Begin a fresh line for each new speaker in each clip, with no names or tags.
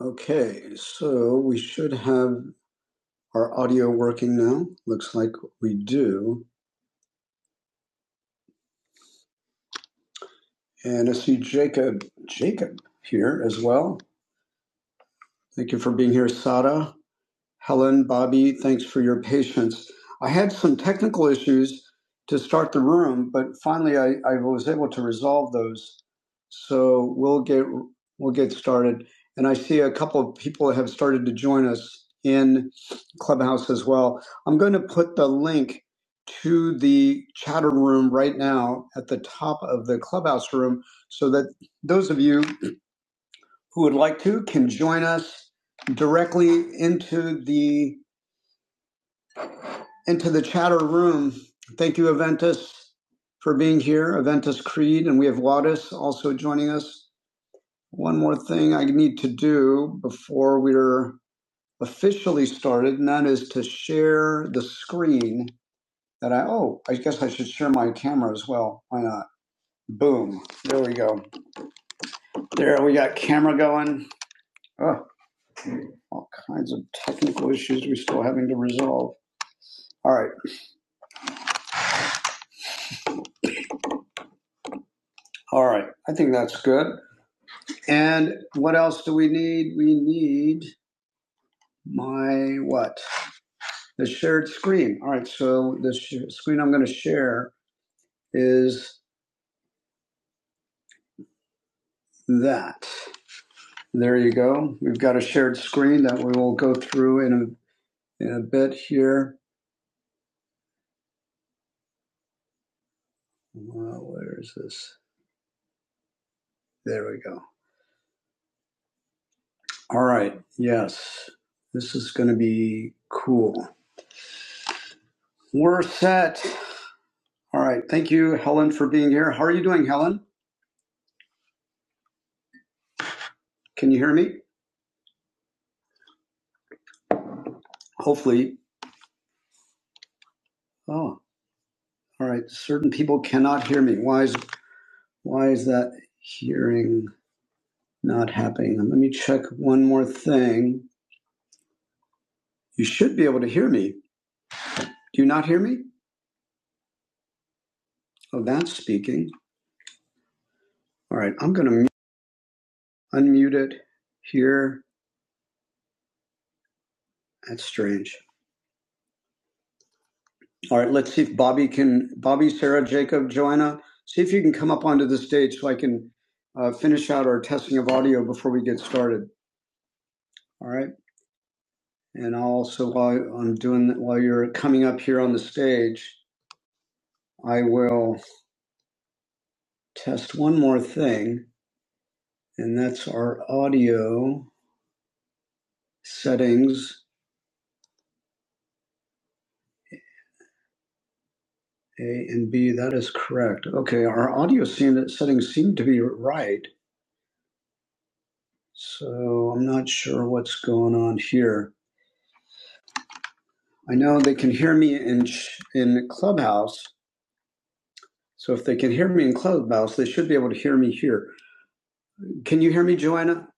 Okay, so we should have our audio working now. Looks like we do. And I see Jacob, Jacob here as well. Thank you for being here, Sada. Helen, Bobby, thanks for your patience. I had some technical issues to start the room, but finally I, I was able to resolve those. So we'll get we'll get started. And I see a couple of people have started to join us in Clubhouse as well. I'm going to put the link to the chatter room right now at the top of the Clubhouse room so that those of you who would like to can join us directly into the and to the chatter room, thank you, Aventus, for being here. Aventus Creed, and we have Wadis also joining us. One more thing I need to do before we're officially started, and that is to share the screen that I, oh, I guess I should share my camera as well. Why not? Boom. There we go. There, we got camera going. Ugh, all kinds of technical issues we're still having to resolve. All right. All right. I think that's good. And what else do we need? We need my what? The shared screen. All right, so the sh- screen I'm going to share is that. There you go. We've got a shared screen that we will go through in a, in a bit here. Uh, where is this? There we go. All right, yes. This is going to be cool. We're set. All right, thank you, Helen, for being here. How are you doing, Helen? Can you hear me? Hopefully. Oh. All right, certain people cannot hear me. Why is why is that hearing not happening? Let me check one more thing. You should be able to hear me. Do you not hear me? Oh, that's speaking. All right, I'm going to unmute it here. That's strange. All right, let's see if Bobby can. Bobby, Sarah, Jacob, Joanna, see if you can come up onto the stage so I can uh, finish out our testing of audio before we get started. All right, and also while I'm doing that, while you're coming up here on the stage. I will test one more thing, and that's our audio settings A and B. That is correct. Okay, our audio seem- settings seem to be right, so I'm not sure what's going on here. I know they can hear me in ch- in Clubhouse, so if they can hear me in Clubhouse, they should be able to hear me here. Can you hear me, Joanna?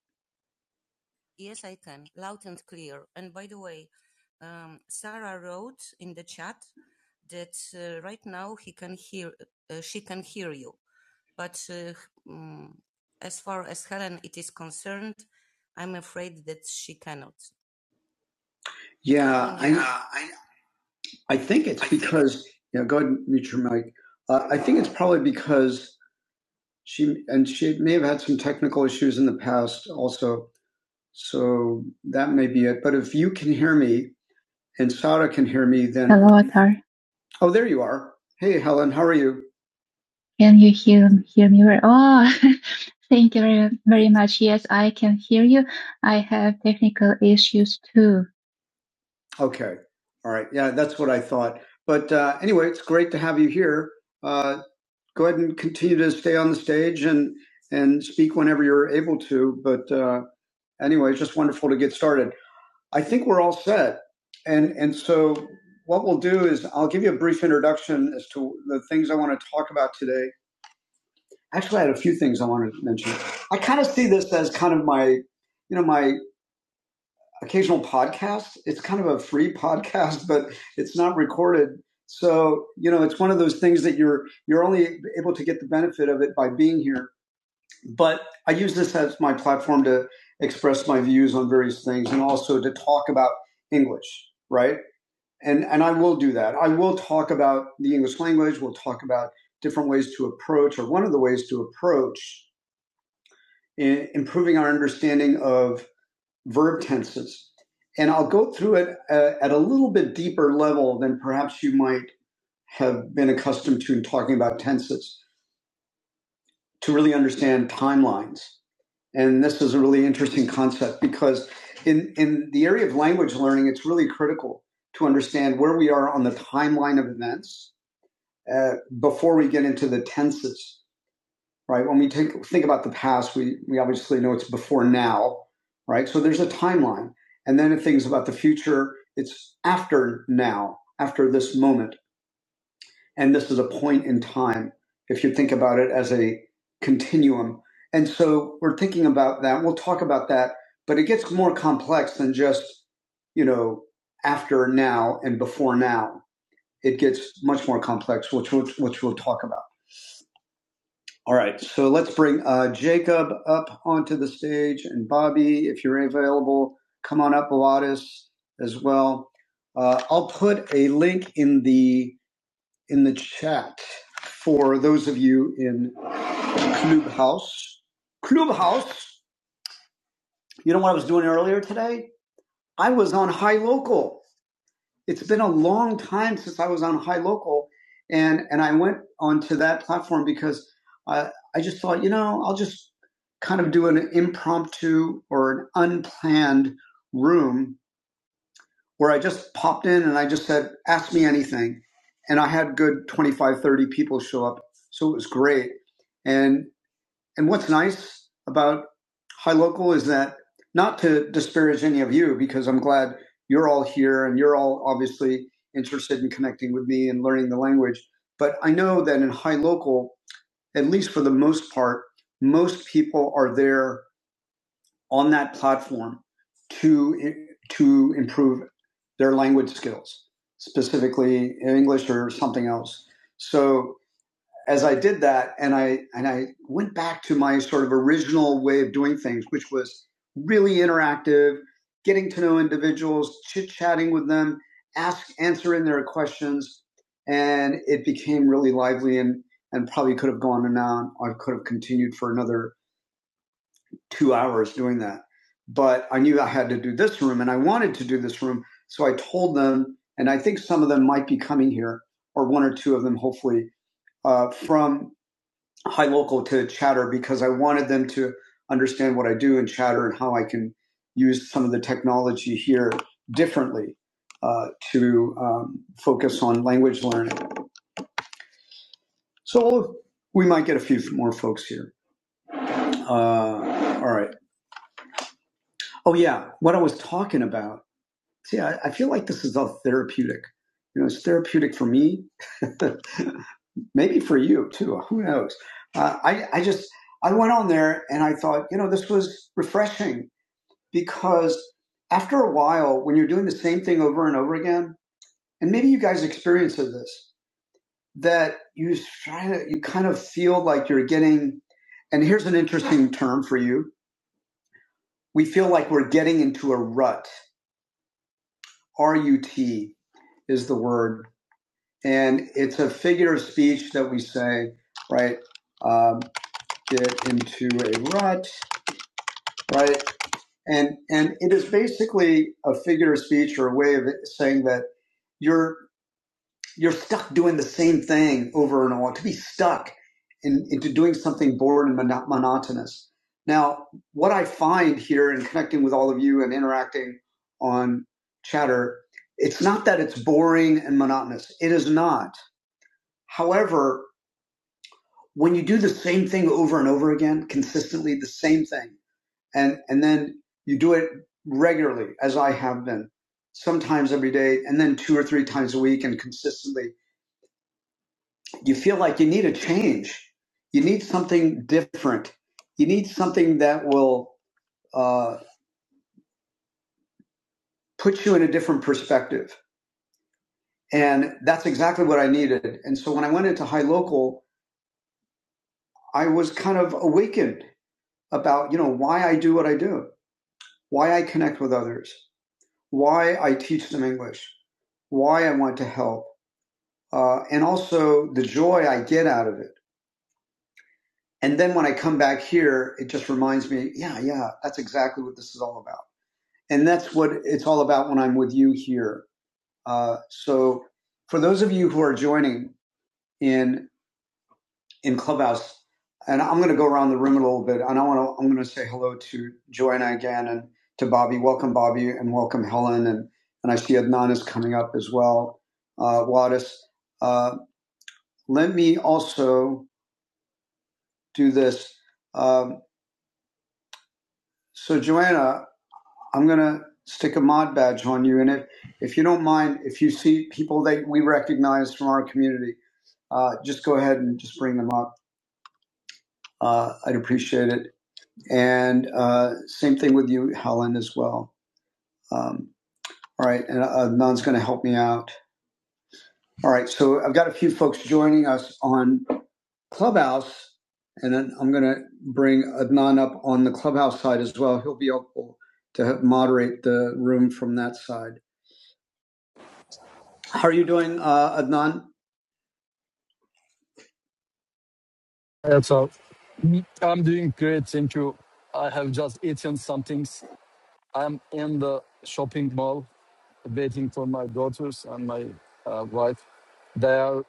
Yeah, I I think it's because yeah. Go ahead and mute your mic. Uh, I think it's probably because She and she may have had some technical issues in the past also, so that may be it. But if you can hear me and Sarah can hear me, then hello, Atari. Oh, there you are. Hey, Helen, how are you? Can you hear hear me? very- Oh, thank you very, very much. Yes, I can hear you. I have technical issues too. Okay, all right. Yeah, that's what I thought. But uh, anyway, it's great to have you here. Uh, go ahead and continue to stay on the stage and and speak whenever you're able to. But uh, anyway, it's just wonderful to get started. I think we're all set, and and so what we'll do is I'll give you a brief introduction as to the things I want to talk about today. Actually, I had a few things I wanted to mention. I kind of see this as kind of my you know my occasional podcast. It's kind of a free podcast, but it's not recorded. So you know, it's one of those things that you're you're only able to get the benefit of it by being here. but I use this as my platform to express my views on various things and also to talk about English, right? And and I will do that. I will talk about the English language. We'll talk about different ways to approach, or one of the ways to approach i- improving our understanding of verb tenses. And I'll go through it uh, at a little bit deeper level than perhaps you might have been accustomed to in talking about tenses to really understand timelines And this is a really interesting concept because in, in the area of language learning, it's really critical to understand where we are on the timeline of events uh, before we get into the tenses, right? When we take, think about the past, we, we obviously know it's before now, right? So there's a timeline. And then if things about the future, it's after now, after this moment and this is a point in time if you think about it as a continuum and so we're thinking about that we'll talk about that but it gets more complex than just you know after now and before now it gets much more complex which which, which we'll talk about all right so let's bring uh, jacob up onto the stage and bobby if you're available come on up Pilatus as well uh, i'll put a link in the in the chat for those of you in Clubhouse. Clubhouse, you know what I was doing earlier today? I was on High Local. It's been a long time since I was on High Local, and and I went onto that platform because I I just thought, you know, I'll just kind of do an impromptu or an unplanned room where I just popped in and I just said, ask me anything. And I had good 25, 30 people show up. So it was great. And, and what's nice about High Local is that not to disparage any of you, because I'm glad you're all here and you're all obviously interested in connecting with me and learning the language. But I know that in High Local, at least for the most part, most people are there on that platform to to improve their language skills, specifically English or something else. So as I did that, and I and I went back to my sort of original way of doing things, which was really interactive, getting to know individuals, chit chatting with them, ask answering their questions, and it became really lively and and probably could have gone on. I could have continued for another two hours doing that. But I knew I had to do this room and I wanted to do this room. So I told them, and I think some of them might be coming here, or one or two of them, hopefully, uh, from High Local to Chatter because I wanted them to understand what I do in Chatter and how I can use some of the technology here differently uh, to um, focus on language learning. So we might get a few more folks here. Uh, all right. Oh, yeah. What I was talking about See, I, I feel like this is all therapeutic. You know, it's therapeutic for me, maybe for you too. Who knows? Uh, I, I just, I went on there and I thought, you know, this was refreshing because after a while, when you're doing the same thing over and over again, and maybe you guys experience this, that you try to, you kind of feel like you're getting, and here's an interesting term for you. We feel like we're getting into a rut. R U T is the word and it's a figure of speech that we say, right? Um, get into a rut, right? And and it is basically a figure of speech or a way of saying that you're you're stuck doing the same thing over and over. To be stuck in, into doing something bored and mono- monotonous. Now, what I find here in connecting with all of you and interacting on Chatter, it's not that it's boring and monotonous. It is not. However, when you do the same thing over and over again, consistently the same thing, and and then you do it regularly, as I have been, sometimes every day, and then two or three times a week, and consistently, you feel like you need a change. You need something different. You need something that will uh, put you in a different perspective, and that's exactly what I needed. And so when I went into High Local, I was kind of awakened about you know why I do what I do, why I connect with others why I teach them English, why I want to help, uh, and also the joy I get out of it. And then when I come back here, it just reminds me, yeah, yeah, that's exactly what this is all about. And that's what it's all about when I'm with you here. Uh, so for those of you who are joining in in Clubhouse. And I'm going to go around the room a little bit, and I want to I'm going to say hello to Joanna again and to Bobby. Welcome, Bobby, and welcome Helen, and and I see Adnan is coming up as well. Uh, Wadis, uh, let me also do this. Um, so Joanna, I'm going to stick a mod badge on you, and if if you don't mind, if you see people that we recognize from our community, uh, just go ahead and just bring them up. Uh, I'd appreciate it. And uh, same thing with you, Helen, as well. Um, all right, and Adnan's going to help me out. All right, so I've got a few folks joining us on Clubhouse, and then I'm going to bring Adnan up on the Clubhouse side as well. He'll be helpful to moderate the room from that side. How are you doing, uh, Adnan?
That's all. Me- I'm doing great. Thank you. I have just eaten some things. I'm in the shopping mall waiting for my daughters and my uh, wife. They are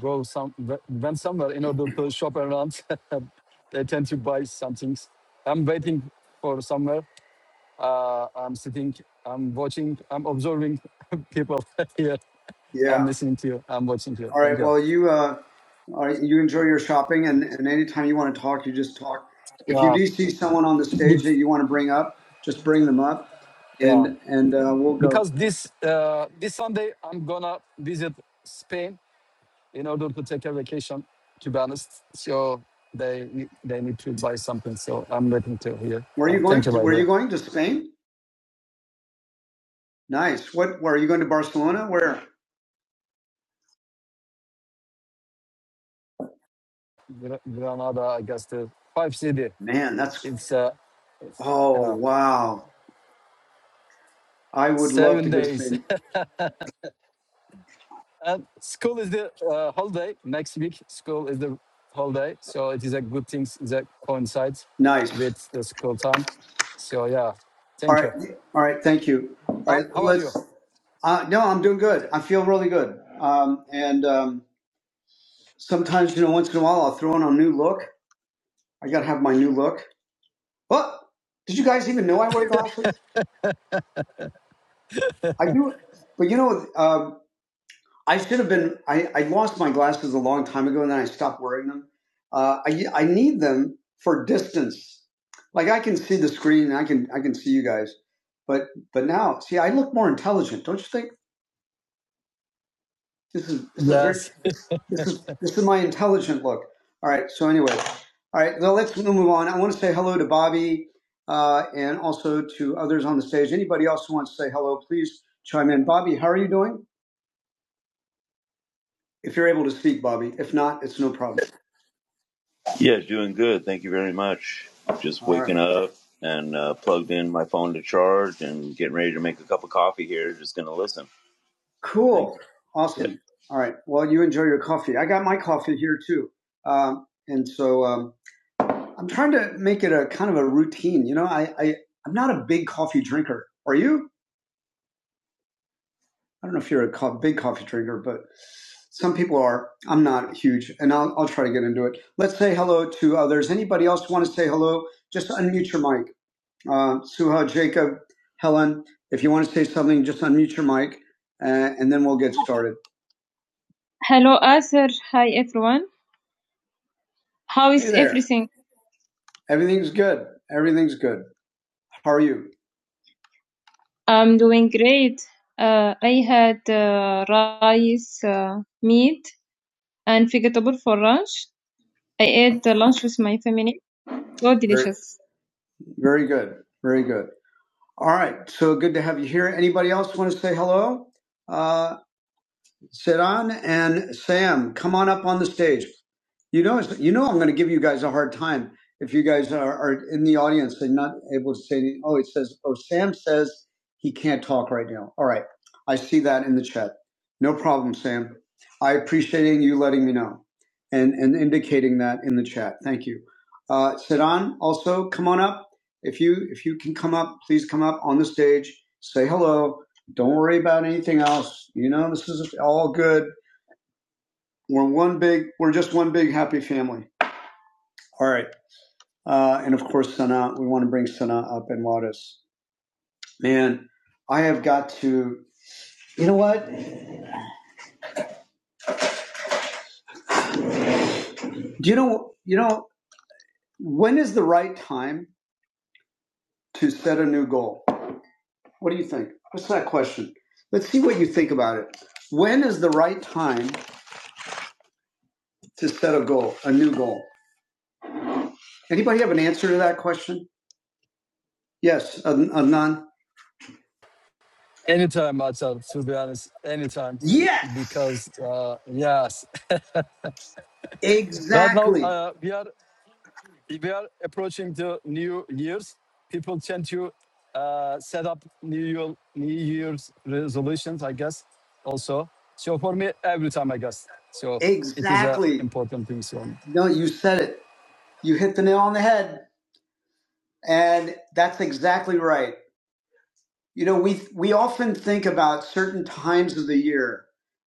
go some went somewhere in order to shop around. they tend to buy some things. I'm waiting for somewhere. Uh, I'm sitting. I'm watching. I'm observing people here. I'm
Yeah.
listening to you. I'm watching you.
All
Thank
right.
you.
Well, you uh, all right, you enjoy your shopping, and, and anytime you want to talk, you just talk. If you
Yeah.
do see someone on the stage that you want to bring up, just bring them up, and
Yeah.
and uh, we'll go.
because this uh, this Sunday I'm gonna visit Spain in order to take a vacation. To be honest, so they ne- they need to buy something. So I'm waiting to hear.
Where are
Uh,
you
thank
going?
you, by the
Where are
way.
you going to Spain? Nice. What? Where are you going to Barcelona? Where?
Gra- Granada, I guess the five city.
Man, that's
It's uh, it's-
Oh,
yeah,
wow. I would love
seven
to go to
days.
Spain.
And school is the uh, holiday next week. School is the holiday, so it is a good thing that coincides
Nice.
with the school time. So yeah,
All
thank
right.
you.
All right. Thank you. All
How,
right.
how are you?
Let's, uh, no, I'm doing good. I feel really good. Um, and, um, sometimes, you know, once in a while I'll throw in a new look. I got to have my new look. What? Did you guys even know I wear glasses? I do. But you know, um, I should have been. I, I lost my glasses a long time ago, and then I stopped wearing them. Uh, I I need them for distance. Like I can see the screen, and I can I can see you guys, but but now see I look more intelligent, don't you think? This is this is a very
Yes.
this is this is my intelligent look. All right. So anyway, all right. Well, let's move on. I want to say hello to Bobby uh, and also to others on the stage. Anybody else who wants to say hello, please chime in. Bobby, how are you doing? If you're able to speak, Bobby. If not, it's no problem. Yeah, doing good. Thank you very much. Just All right. waking up and uh, plugged in my phone to charge and getting ready to make a cup of coffee here. Just going to listen. Cool. you. Awesome. Yeah. All right. Well, you enjoy your coffee. I got my coffee here too. Um, and so um, I'm trying to make it a kind of a routine. You know, I, I, I'm not a big coffee drinker. Are you? I don't know if you're a co- big coffee drinker, but some people are. I'm not huge, and I'll, I'll try to get into it. Let's say hello to others. Anybody else want to say hello? Just unmute your mic. Uh, Suha, Jacob, Helen, if you want to say something, just unmute your mic, uh, and then we'll get started. Hello, Asir. Hi, everyone. How is Hey there. everything? Everything's good. Everything's good. How are you? I'm doing great. Uh, I had uh, rice, uh, meat, and vegetable for lunch. I ate the lunch with my family. So delicious. very very good. Very good. All right. So good to have you here. Anybody else want to say hello? Uh, Siran and Sam, come on up on the stage. You know, you know, I'm going to give you guys a hard time if you guys are, are in the audience and not able to say. any- Oh, it says. Oh, Sam says he can't talk right now. All right, I see that in the chat. No problem, Sam. I appreciate you letting me know and and indicating that in the chat. Thank you. Uh, Sedan, also come on up. If you if you can come up, please come up on the stage. Say hello. Don't worry about anything else. You know, this is all good. We're one big, we're just one big happy family. All right. Uh, and of course, Sana, we want to bring Sana up and Wadis. Man, I have got to, you know what? Do you know, you know, when is the right time to set a new goal? What do you think? What's that question? Let's see what you think about it. When is the right time to set a goal, a new goal? Anybody have an answer to that question? Yes, Ad- Adnan?
Anytime, myself, to be honest, anytime,
Yes!
because uh, yes, right now
Exactly.
uh, we are we are approaching the new years. People tend to uh, set up new year, new year's resolutions, I guess. Also, so for me, every time, I guess, so it is a
Exactly.
important thing. So
No, you said it. You hit the nail on the head. And that's exactly right. You know, we we often think about certain times of the year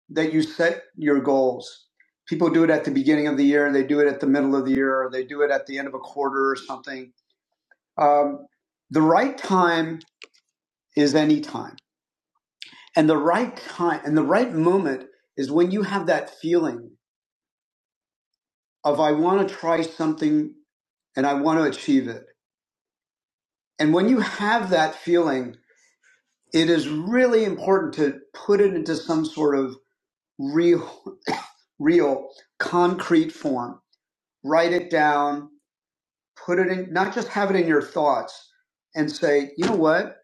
that you set your goals. People do it at the beginning of the year, they do it at the middle of the year, or they do it at the end of a quarter or something. Um, the right time is any time. And the right time and the right moment is when you have that feeling of I want to try something and I want to achieve it. And when you have that feeling, it is really important to put it into some sort of real, real, concrete form. Write it down, put it in, not just have it in your thoughts and say, you know what?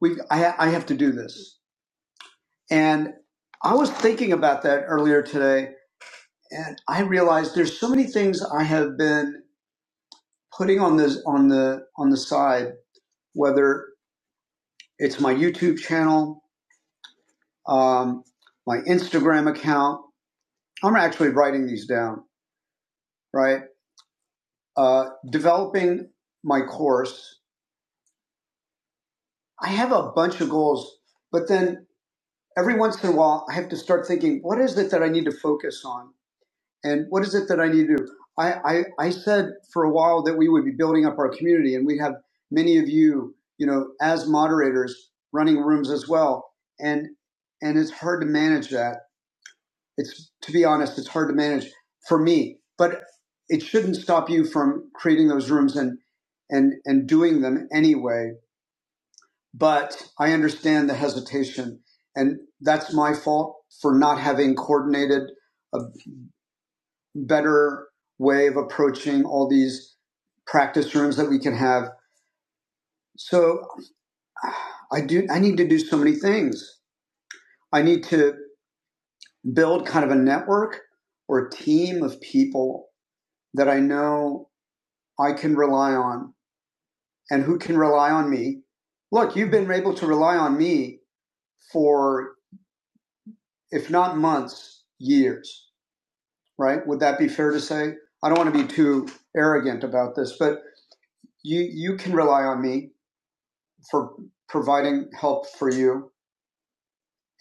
we I, I have to do this. And I was thinking about that earlier today, and I realized there's so many things I have been putting on this on the on the side, whether it's my YouTube channel, um, my Instagram account. I'm actually writing these down, right? Uh, developing my course. I have a bunch of goals, but then every once in a while, I have to start thinking, what is it that I need to focus on? And what is it that I need to do? I, I, I said for a while that we would be building up our community, and we have many of you, you know, as moderators running rooms as well. And and it's hard to manage that It's to be honest, it's hard to manage for me, but it shouldn't stop you from creating those rooms and and and doing them anyway. But I understand the hesitation, and that's my fault for not having coordinated a better way of approaching all these practice rooms that we can have. So I do I need to do so many things. I need to build kind of a network or a team of people that I know I can rely on and who can rely on me. Look, you've been able to rely on me for, if not months, years, right? Would that be fair to say? I don't want to be too arrogant about this, but you, you can rely on me for providing help for you.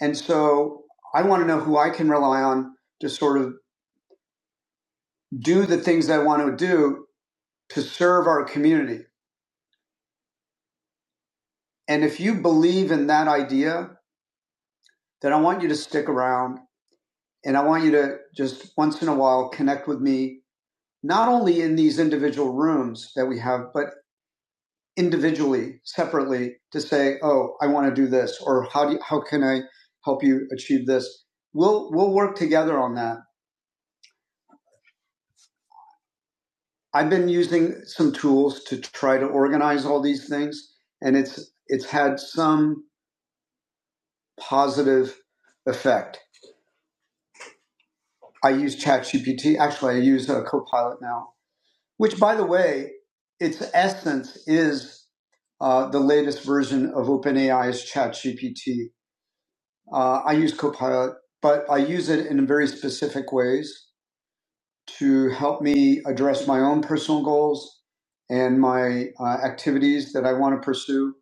And so I want to know who I can rely on to sort of do the things I want to do to serve our community. And if you believe in that idea, then I want you to stick around And I want you to just once in a while connect with me, not only in these individual rooms that we have, but individually, separately to say, oh, I want to do this, or how do you, how can I help you achieve this? We'll we'll work together on that. I've been using some tools to try to organize all these things, and it's it's had some positive effect. I use ChatGPT. Actually, I use a Copilot now which, by the way, its essence is uh, the latest version of OpenAI's ChatGPT. Uh, I use Copilot, but I use it in very specific ways to help me address my own personal goals and my uh, activities that I want to pursue.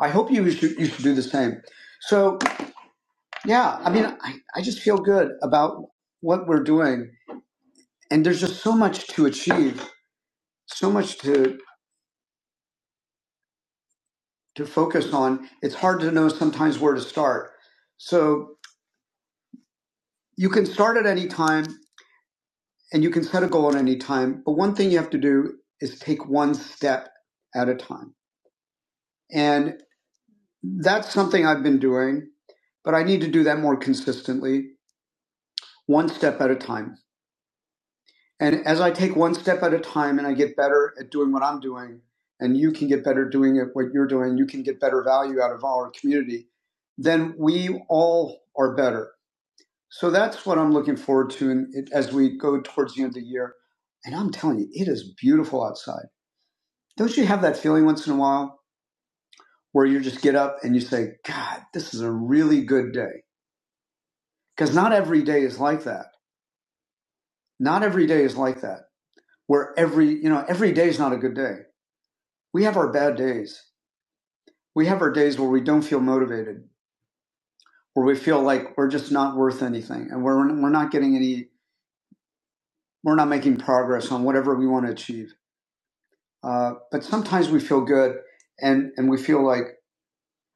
I hope you should, you should do the same. So, yeah, I mean, I, I just feel good about what we're doing. And there's just so much to achieve, so much to to focus on. It's hard to know sometimes where to start. So you can start at any time and you can set a goal at any time. But one thing you have to do is take one step at a time. And that's something I've been doing, but I need to do that more consistently, one step at a time. And as I take one step at a time and I get better at doing what I'm doing, and you can get better doing it, what you're doing, you can get better value out of our community, then we all are better So that's what I'm looking forward to in, it, as we go towards the end of the year. And I'm telling you, it is beautiful outside. Don't you have that feeling once in a while where you just get up and you say, God, this is a really good day? Because not every day is like that. Not every day is like that, where every, you know, every day is not a good day. We have our bad days. We have our days where we don't feel motivated, where we feel like we're just not worth anything and we're, we're not getting any, we're not making progress on whatever we want to achieve Uh, but sometimes we feel good and, and we feel like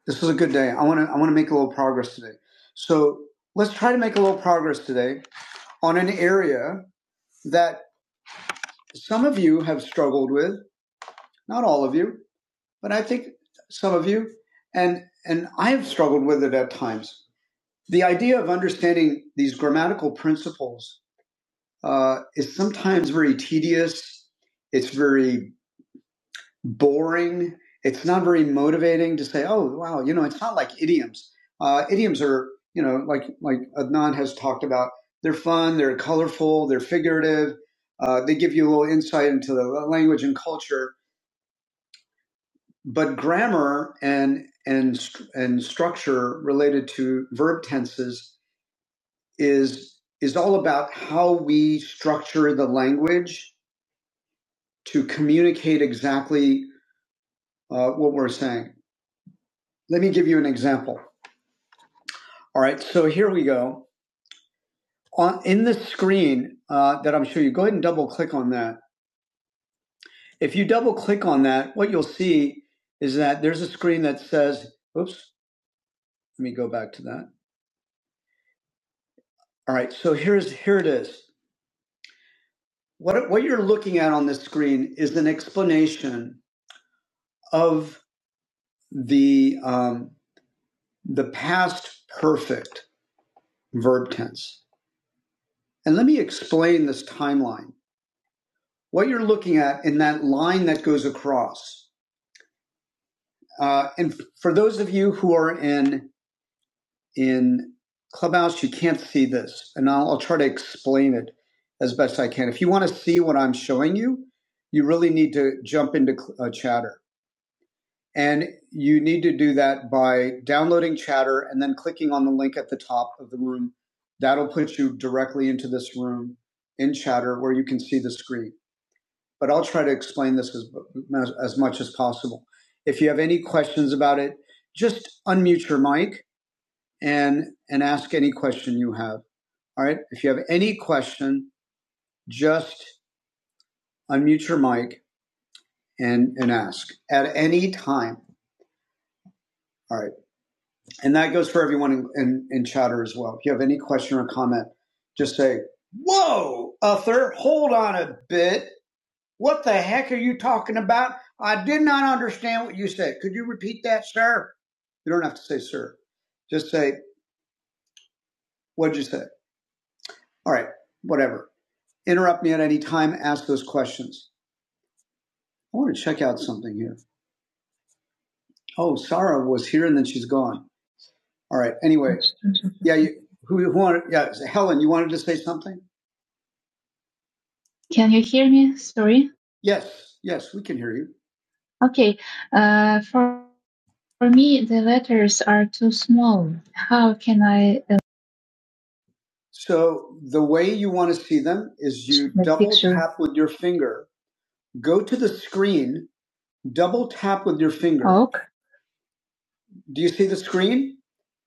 this was a good day. I want to, I want to make a little progress today. So let's try to make a little progress today on an area that some of you have struggled with, not all of you, but I think some of you, and, and I have struggled with it at times. The idea of understanding these grammatical principles uh, is sometimes very tedious. It's very boring. It's not very motivating to say, oh, wow, you know, it's not like idioms. Uh, idioms are, you know, like, like Adnan has talked about, they're fun, they're colorful, they're figurative. Uh, they give you a little insight into the language and culture. But grammar and, and, st- and structure related to verb tenses is, is all about how we structure the language to communicate exactly uh, what we're saying. Let me give you an example All right, so here we go. On in the screen uh, that I'm showing you, go ahead and double click on that. If you double click on that, what you'll see is that there's a screen that says, "Oops, let me go back to that." All right, so here's here it is. What what you're looking at on this screen is an explanation of the um, the past perfect verb tense. And let me explain this timeline. What you're looking at in that line that goes across Uh, and for those of you who are in in Clubhouse, you can't see this, and I'll, I'll try to explain it as best I can. If you want to see what I'm showing you, you really need to jump into uh, Chatter, and you need to do that by downloading Chatter and then clicking on the link at the top of the room. That'll put you directly into this room in Chatter, where you can see the screen but I'll try to explain this as, as much as possible. If you have any questions about it, just unmute your mic and and ask any question you have. All right. If you have any question, just unmute your mic and and ask at any time. All right. And that goes for everyone in, in, in chatter as well. If you have any question or comment, just say, Whoa, Uther, hold on a bit. What the heck are you talking about? I did not understand what you said. Could you repeat that, sir? You don't have to say, sir. Just say, what'd you say? All right, whatever. Interrupt me at any time. Ask those questions. I want to check out something here. Oh, Sarah was here and then she's gone. All right. Anyway, yeah. You, who, who wanted? Yeah, Helen, you wanted to say something? Can you hear me? Sorry. Yes. Yes, we can hear you. Okay. Uh, for For me, the letters are too small. How can I uh, So the way you want to see them is you the double picture? tap with your finger, go to the screen, double tap with your finger. Ok. Do you see the screen?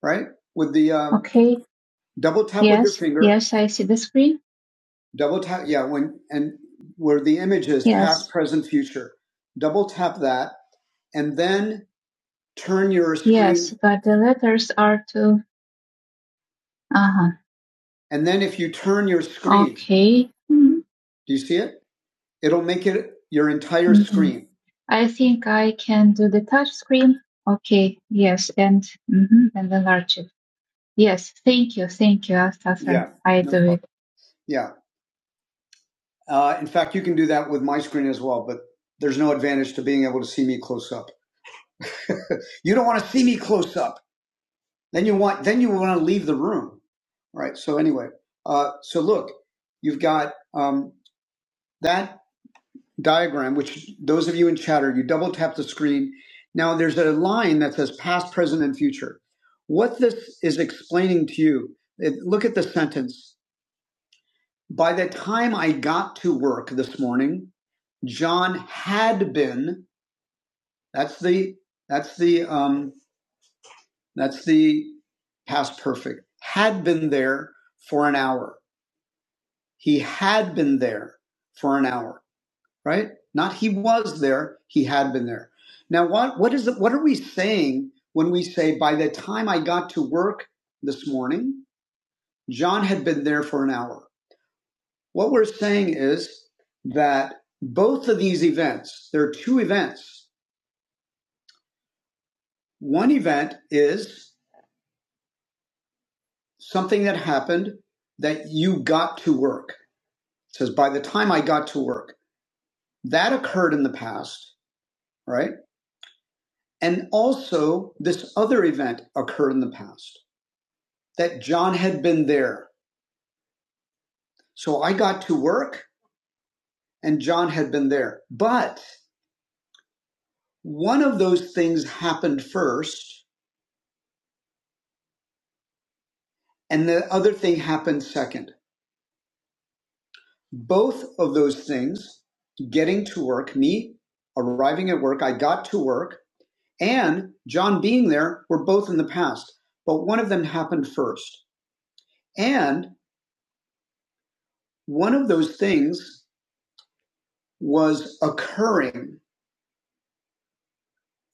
Right? With the uh, Okay. double tap yes. with your Yes. finger, Yes, I see the screen. double tap. Yeah. When, and where the image is yes. past, Yes. present, future, double tap that and then turn your screen Yes, but the letters are too. Uh huh. And then if you turn your screen, Okay. Mm, do you see it? It'll make it your entire mm. screen. I think I can do the touch screen. Okay. Yes. And mhm, and enlarge it. Yes. Thank you. Thank you, Yeah. I No do problem. it. Yeah. Uh, in fact, you can do that with my screen as well, but there's no advantage to being able to see me close up. you don't want to see me close up. Then you want, then you want to leave the room. All right. So anyway, uh, so look, you've got um, that diagram, which those of you in chatter, you double tap the screen. Now there's a line that says past, present, and future. What this is explaining to you, it, look at the sentence. By the time I got to work this morning, John had been, that's the, that's the, um, that's the past perfect, had been there for an hour. He had been there for an hour. right? Not he was there, he had been there. Now, what, what is the, what are we saying when we say, by the time I got to work this morning, John had been there for an hour? What we're saying is that both of these events, there are two events. One event is something that happened that you got to work. It says, by the time I got to work, that occurred in the past, right? And also, this other event occurred in the past. that John had been there. So I got to work and John had been there. But one of those things happened first and the other thing happened second. Both of those things, getting to work, me arriving at work, I got to work, and John being there were both in the past, but one of them happened first. And one of those things was occurring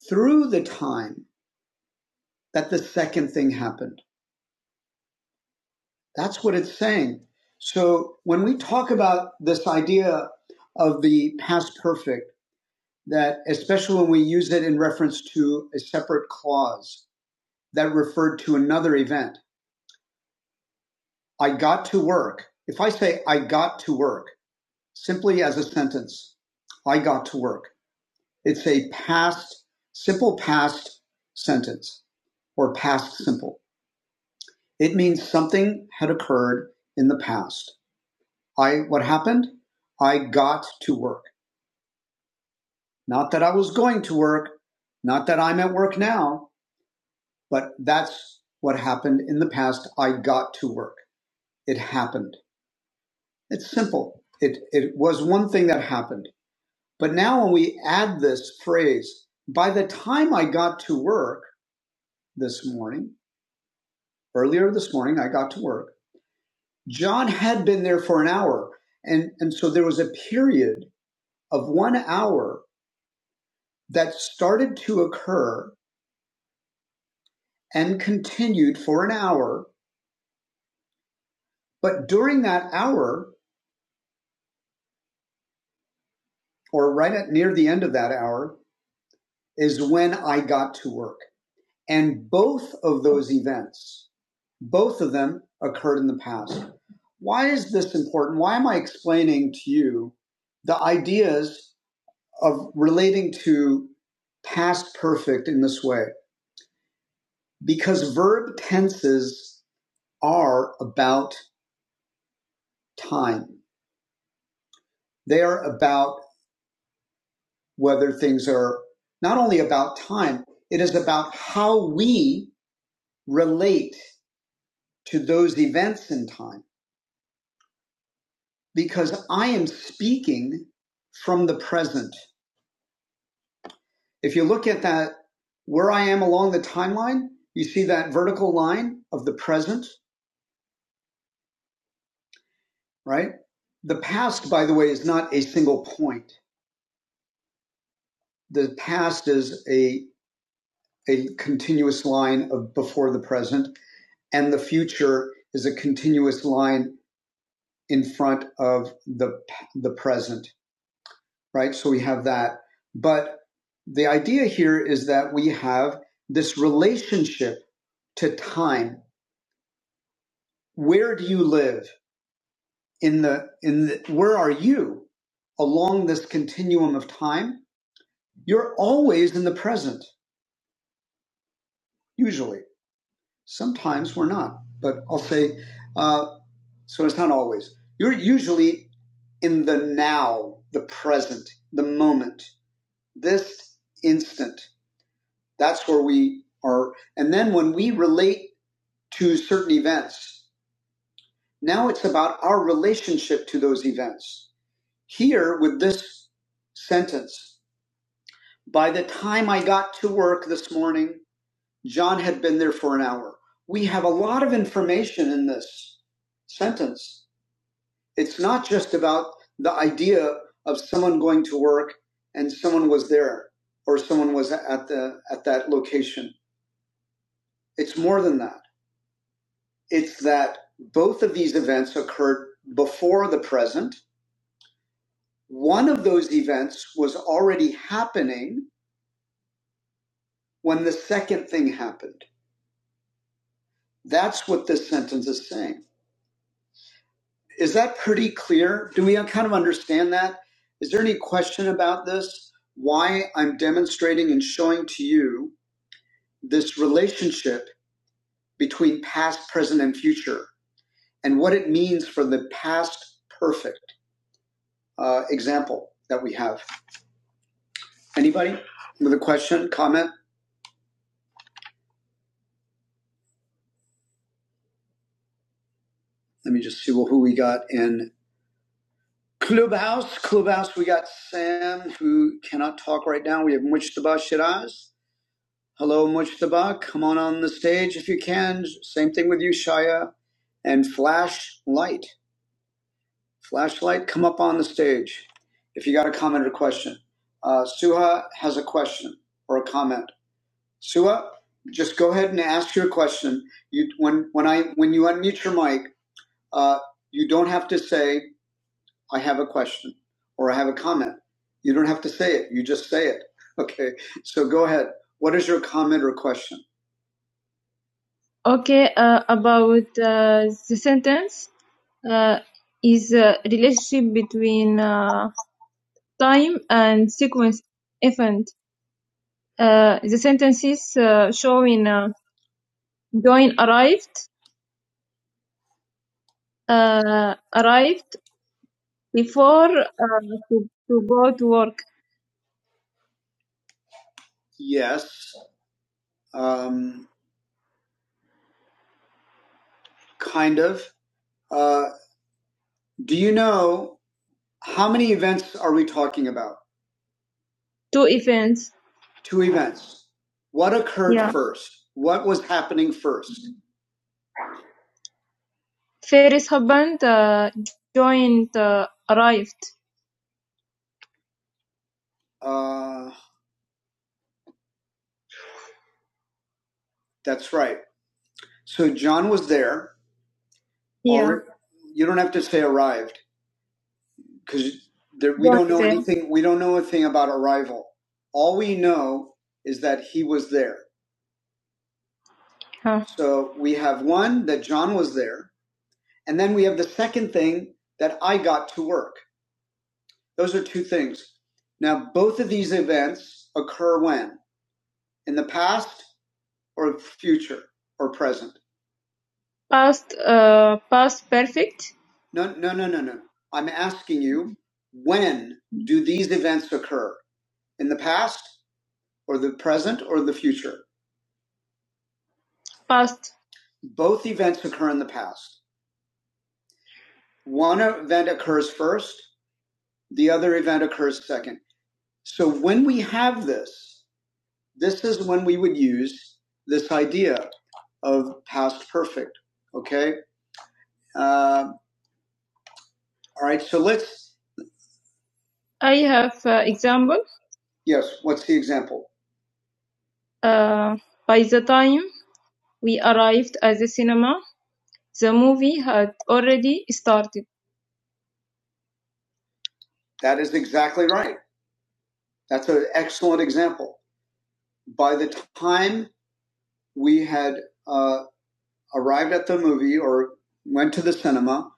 through the time that the second thing happened. That's what it's saying. So when we talk about this idea of the past perfect, that especially when we use it in reference to a separate clause that referred to another event, I got to work. If I say I got to work, simply as a sentence, I got to work. It's a past, simple past sentence or past simple. It means something had occurred in the past. I what happened? I got to work. Not that I was going to work, not that I'm at work now, but that's what happened in the past. I got to work. It happened. It's simple. It it was one thing that happened. But now when we add this phrase, by the time I got to work this morning, earlier this morning I got to work. John had been there for an hour. And and so there was a period of 1 hour that started to occur and continued for an hour. But during that hour, or right at near the end of that hour, is when I got to work. And both of those events, both of them occurred in the past. Why is this important? Why am I explaining to you the ideas of relating to past perfect in this way? Because verb tenses are about time. They're about whether things are not only about time, it is about how we relate to those events in time because I am speaking from the present. If you look at that, where I am along the timeline, you see that vertical line of the present, right? The past, by the way, is not a single point. The past is a, a continuous line of before the present and the future is a continuous line in front of the the present, right? So we have that. But the idea here is that we have this relationship to time. Where do you live in the in the, where are you along this continuum of time? You're always in the present, usually. Sometimes we're not, but I'll say. uh, So it's not always. You're usually in the now, the present, the moment, this instant. That's where we are. And then when we relate to certain events, now it's about our relationship to those events. Here with this sentence, by the time I got to work this morning, John had been there for an hour. We have a lot of information in this sentence It's not just about the idea of someone going to work and someone was there or someone was at the at that location. It's more than that. It's that both of these events occurred before the present. One of those events was already happening when the second thing happened. That's what this sentence is saying. Is that pretty clear? Do we kind of understand that? Is there any question about this? Why I'm demonstrating and showing to you this relationship between past, present, and future, and what it means for the past perfect uh, example that we have. Anybody with a question, comment? Let me just see who we got in Clubhouse. Clubhouse, we got Sam, who cannot talk right now. We have Mujtaba Shiraz. Hello, Mujtaba. Come on on the stage if you can. Same thing with you, Shaya. And Flash Light. Flashlight, come up on the stage if you got a comment or question. Uh, Suha has a question or a comment. Suha, just go ahead and ask your question. You when when I when you unmute your mic, uh, you don't have to say I have a question or I have a comment. You don't have to say it. You just say it. Okay. So go ahead. What is your comment or question? Okay, uh, about uh, the sentence uh, is a relationship between. Uh, time and sequence event. Uh, the sentences uh, showing uh, Join arrived uh, arrived before uh, to, to go to work. Yes, um, kind of. Uh, do you know how many events are we talking about? Two events. Two events. What occurred Yeah. first? What was happening first? Ferry's husband uh, joined uh, arrived. Uh, That's right. So John was there. Yeah. Alre- you don't have to say arrived because there, we What's don't know Okay. anything. We don't know a thing about arrival. All we know is that he was there. Huh. So we have one that John was there, and then we have the second thing that I got to work. Those are two things. Now, both of these events occur when? In the past or future or present? Past uh, past perfect? No, no, no, no, no. I'm asking you, when do these events occur? In the past, or the present, or the future? Past. Both events occur in the past. One event occurs first, the other event occurs second. So when we have this, this is when we would use this idea of past perfect. Okay? Uh, all right, so let's I have uh, example. Yes, what's the example? Uh, by the time we arrived at the cinema, the movie had already started. That is exactly right. That's an excellent example. By the time we had uh, arrived at the movie or went to the cinema,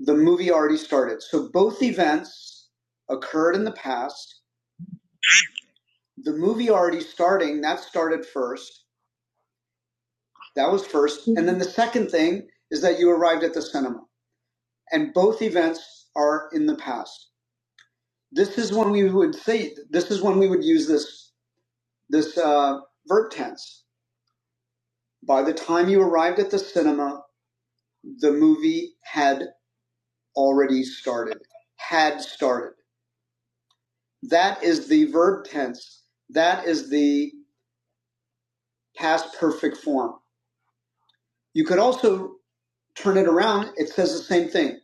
the movie already started. So both events occurred in the past. The movie already starting, that started first. That was first. And then the second thing is that you arrived at the cinema. and both events are in the past. This is when we would say this is when we would use this this uh, verb tense. By the time you arrived at the cinema, the movie had already started. Had started. That is the verb tense. That is the past perfect form. You could also turn it around. It says the same thing.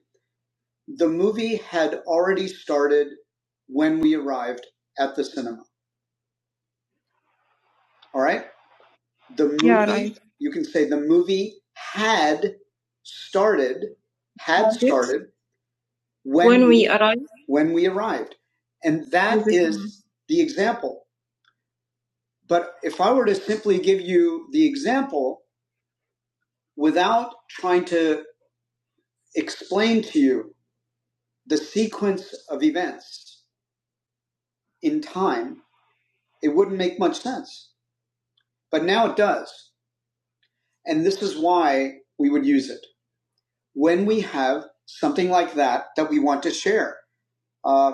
The movie had already started when we arrived at the cinema. All right The movie, Yeah, right. you can say the movie had started, had started when, when we arrived. When we arrived. And that is the example. But if I were to simply give you the example without trying to explain to you the sequence of events in time, it wouldn't make much sense. But now it does. And this is why we would use it. when we have something like that that we want to share. Uh,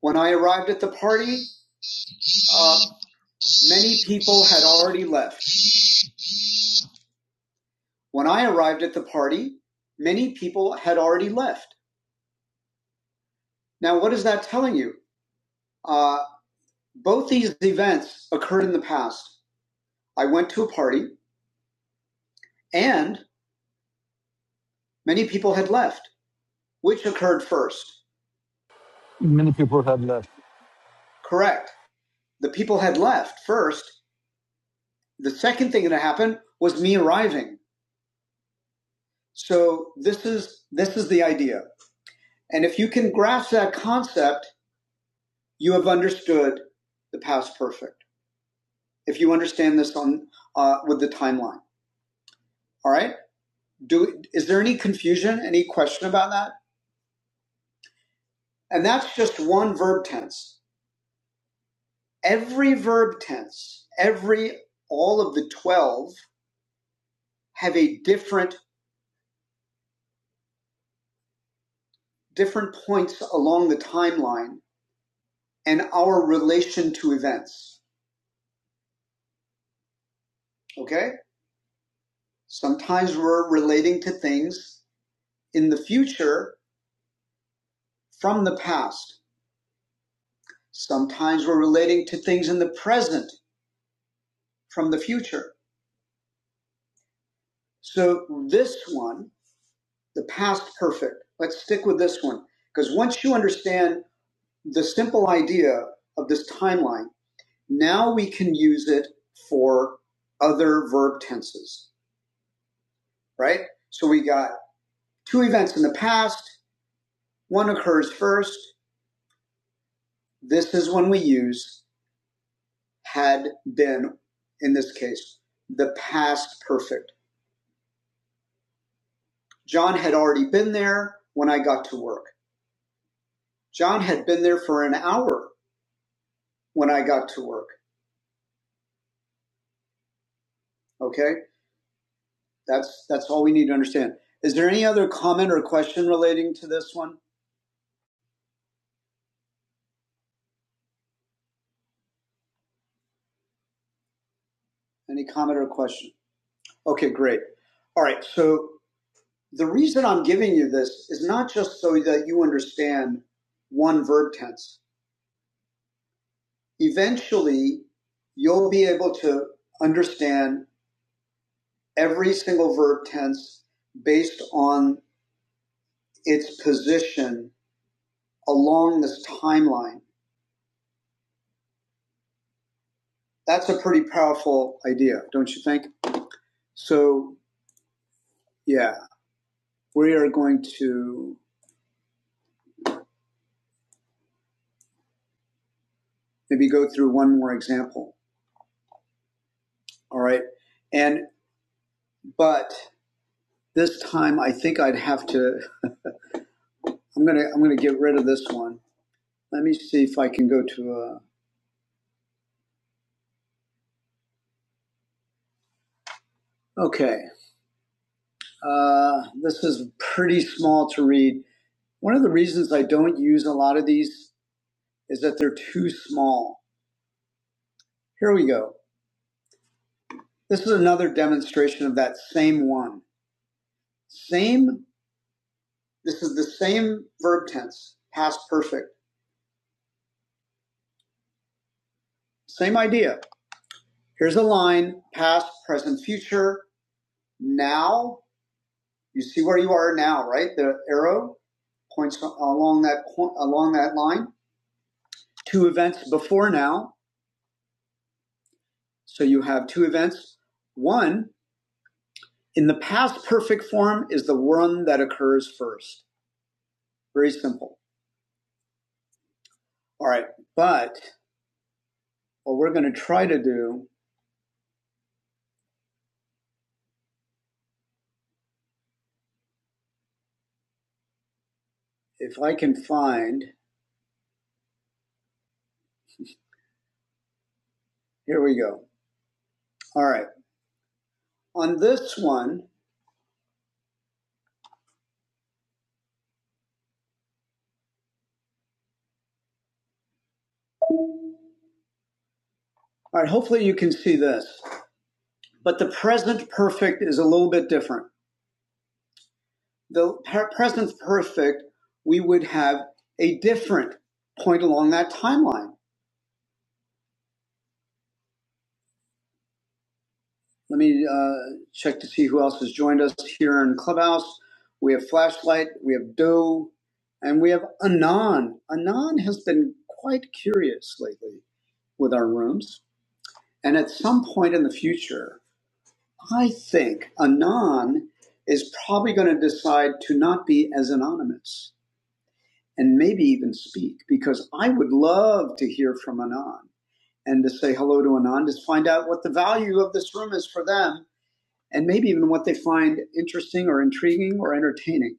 when I arrived at the party, uh, many people had already left. When I arrived at the party, many people had already left. Now, what is that telling you? Uh, both these events occurred in the past. I went to a party and many people had left. Which occurred first?
many people have left.
Correct. The people had left first. The second thing that happened was me arriving. So this is this is the idea. And if you can grasp that concept, you have understood the past perfect. If you understand this on uh, with the timeline, all right. Do is there any confusion, any question about that? And that's just one verb tense. Every verb tense, every all of the twelve have a different different points along the timeline and our relation to events. Okay Sometimes we're relating to things in the future from the past. Sometimes we're relating to things in the present from the future. So this one, the past perfect, let's stick with this one. Because once you understand the simple idea of this timeline, now we can use it for other verb tenses, right? So we got two events in the past, one occurs first. This is when we use had been, in this case, the past perfect. John had already been there when I got to work. John had been there for an hour when I got to work. Okay? That's that's all we need to understand. Is there any other comment or question relating to this one? Any comment or question? Okay, great. All right. So the reason I'm giving you this is not just so that you understand one verb tense. Eventually, you'll be able to understand every single verb tense based on its position along this timeline. That's a pretty powerful idea, don't you think? So, yeah, we are going to maybe go through one more example. All right. And, but this time I think I'd have to, I'm going to, I'm going to get rid of this one. Let me see if I can go to a, okay. Uh, this is pretty small to read. One of the reasons I don't use a lot of these is that they're too small. Here we go. This is another demonstration of that same one. Same, this is the same verb tense, past perfect. Same idea. Here's a line, past, present, future, now. You see where you are now, right? The arrow points along that along that line. Two events before now. So you have two events. One in the past perfect form is the one that occurs first. Very simple. All right, but what we're going to try to do, if I can find, here we go. All right, on this one, all right, hopefully you can see this, but the present perfect is a little bit different. The present perfect, we would have a different point along that timeline. Let me uh, check to see who else has joined us here in Clubhouse. We have Flashlight, we have Doe, and we have Anon. Anon has been quite curious lately. with our rooms. And at some point in the future, I think Anon is probably going to decide to not be as anonymous and maybe even speak because I would love to hear from Anon and to say hello to Anon to find out what the value of this room is for them and maybe even what they find interesting or intriguing or entertaining.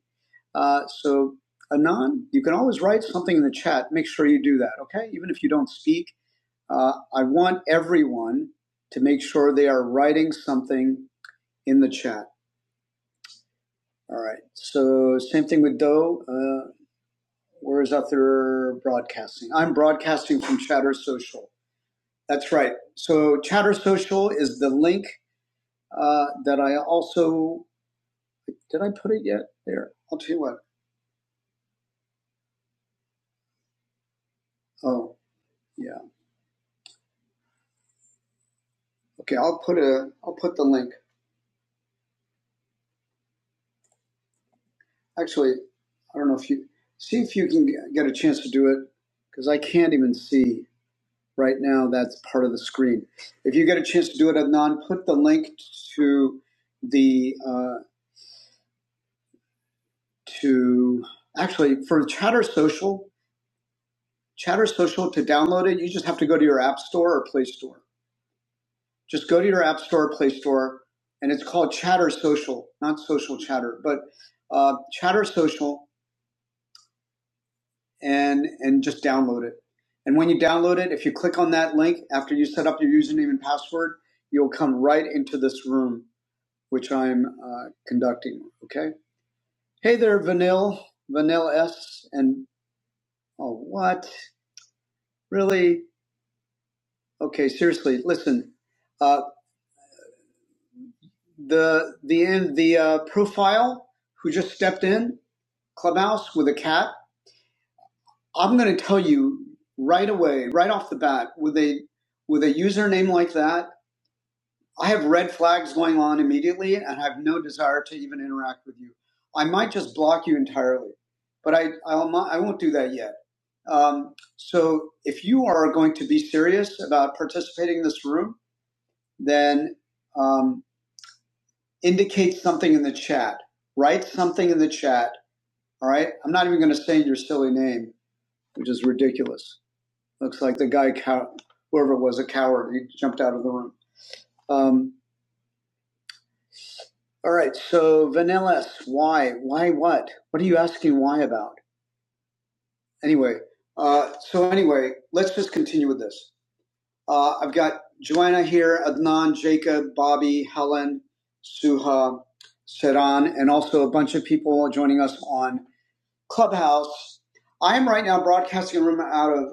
Uh, so, Anon, you can always write something in the chat. Make sure you do that, okay? Even if you don't speak, Uh, I want everyone to make sure they are writing something in the chat. All right. So same thing with Doe. Uh, where is Other Broadcasting? I'm broadcasting from Chatter Social. That's right. So Chatter Social is the link uh, that I also did. I put it yet? There. I'll tell you what. Oh yeah. Okay. I'll put a. I'll put the link. Actually, I don't know if you see if you can get a chance to do it because I can't even see. Right now, that's part of the screen. If you get a chance to do it, Adnan, put the link to the uh, to actually for Chatter Social, Chatter Social to download it. You just have to go to your App Store or Play Store. Just go to your App Store or Play Store, and it's called Chatter Social, not Social Chatter, but uh, Chatter Social, and and just download it. And when you download it, if you click on that link after you set up your username and password, you'll come right into this room which I'm uh, conducting. Okay. Hey there, Vanille, Vanille S, and oh, what? Really? Okay, seriously. Listen, uh, the the the uh, profile who just stepped in Clubhouse with a cat. I'm going to tell you right away, right off the bat, with a with a username like that, I have red flags going on immediately, and I have no desire to even interact with you. I might just block you entirely, but I I'll, not- I won't do that yet Um, so if you are going to be serious about participating in this room, then um, indicate something in the chat. Write something in the chat. All right. I'm not even going to say your silly name, which is ridiculous. Looks like the guy, cow- whoever it was, a coward. He jumped out of the room. Um, all right. So vanillas. Why? Why? What? What are you asking? Why about? Anyway. Uh, so anyway, let's just continue with this. Uh, I've got Joanna here, Adnan, Jacob, Bobby, Helen, Suha, Saran, and also a bunch of people joining us on Clubhouse. I am right now broadcasting a room out of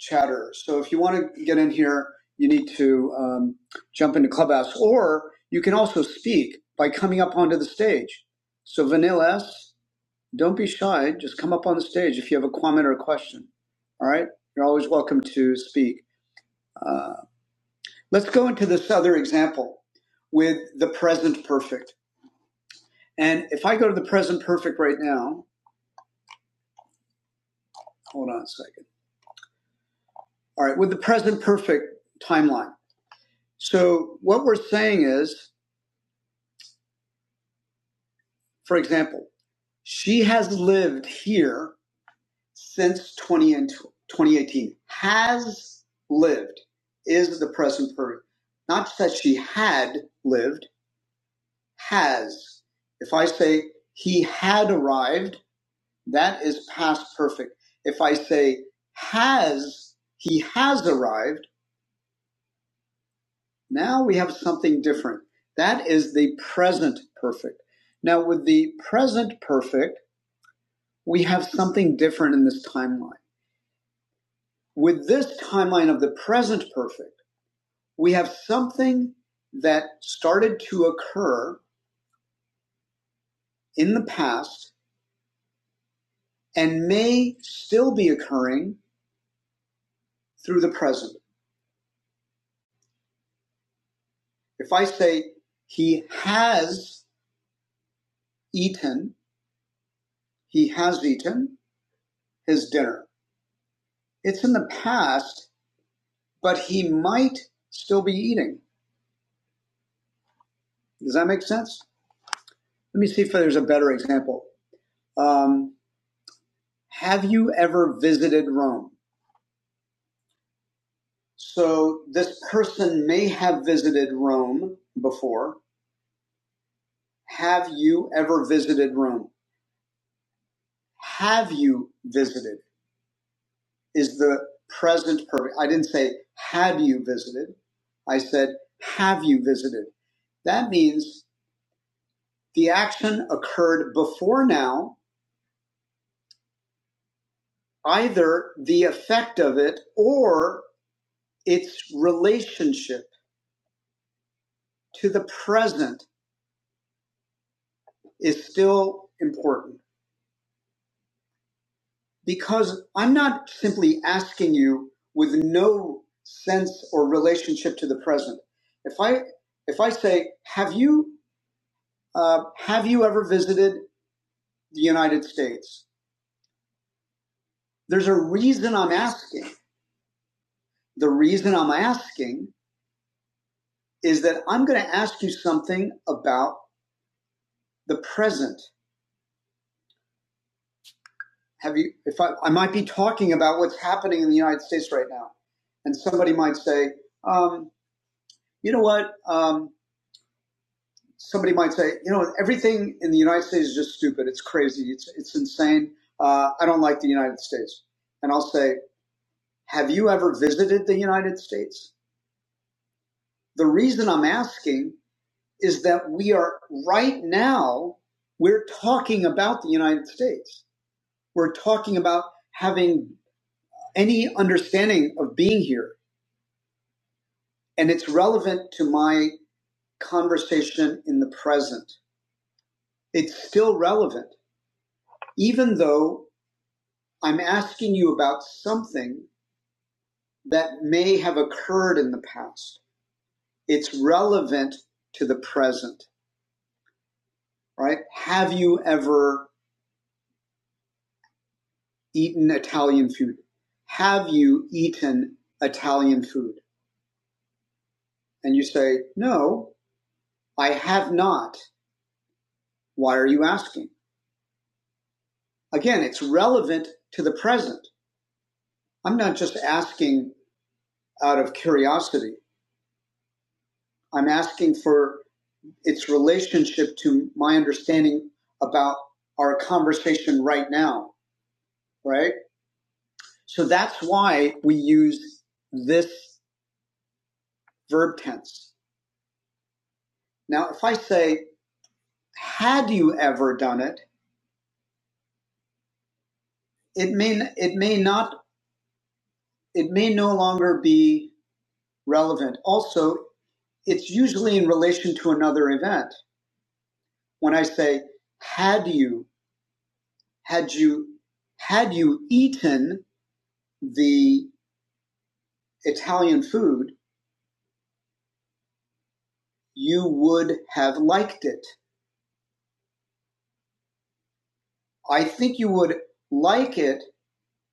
Chatter. So if you want to get in here, you need to um, jump into Clubhouse. Or you can also speak by coming up onto the stage. So Vanilla S, don't be shy. Just come up on the stage if you have a comment or a question. All right? You're always welcome to speak. Uh, Let's go into this other example with the present perfect. And if I go to the present perfect right now, hold on a second. All right, with the present perfect timeline. So what we're saying is, for example, she has lived here since 2018. Has lived is the present perfect. Not that she had lived, has. If I say he had arrived, That is past perfect. If I say has, he has arrived, now we have something different. That is the present perfect. Now, with the present perfect, we have something different in this timeline. With this timeline of the present perfect, we have something that started to occur in the past and may still be occurring through the present. If I say, he has eaten, He has eaten his dinner. It's in the past, but he might still be eating. Does that make sense? Let me see if there's a better example. Um, have you ever visited Rome? So this person may have visited Rome before. Have you ever visited Rome? Have you visited is the present perfect. I didn't say, have you visited? I said, have you visited? That means The action occurred before now, either the effect of it or its relationship to the present is still important because I'm not simply asking you with no sense or relationship to the present. If I if I say, have you uh, have you ever visited the United States? There's a reason I'm asking. The reason I'm asking is that I'm going to ask you something about the present. Have you, if I, I might be talking about what's happening in the United States right now. And somebody might say, um, you know what? Um, somebody might say, you know, everything in the United States is just stupid. It's crazy. It's, it's insane. Uh, I don't like the United States. And I'll say, have you ever visited the United States? The reason I'm asking is that we are right now, we're talking about the United States We're talking about having any understanding of being here, and it's relevant to my conversation in the present. It's still relevant, even though I'm asking you about something that may have occurred in the past. It's relevant to the present, right? Have you ever eaten Italian food? Have you eaten Italian food? And you say, No, I have not. Why are you asking? Again, it's relevant to the present. I'm not just asking out of curiosity. I'm asking for its relationship to my understanding about our conversation right now, right? So that's why we use this verb tense. Now, if I say, had you ever done it? It may, it may not, it may no longer be relevant. Also, it's usually in relation to another event. when I say, had you, had you, had you eaten the Italian food, you would have liked it. I think you would like it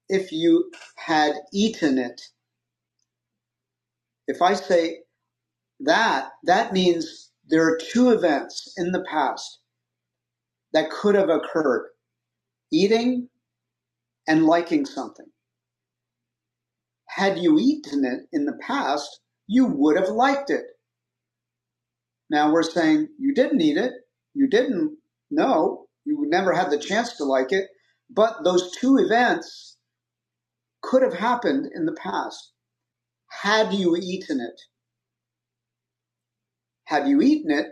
if you had eaten it. If I say that, that means there are two events in the past that could have occurred eating and liking something. Had you eaten it in the past, you would have liked it. Now we're saying you didn't eat it, you didn't know, you would never had the chance to like it, but those two events could have happened in the past had you eaten it. Had you eaten it,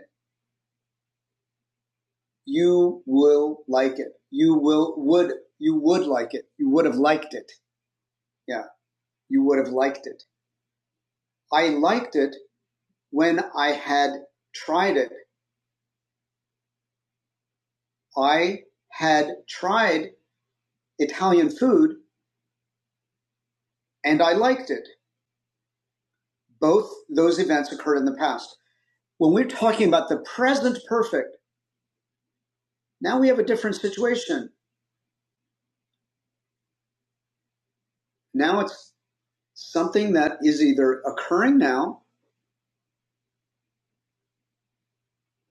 you will like it. You will would you would like it. You would have liked it. Yeah, you would have liked it. I liked it when I had tried it. I had tried Italian food and I liked it. Both those events occurred in the past. When we're talking about the present perfect, now we have a different situation. Now it's something that is either occurring now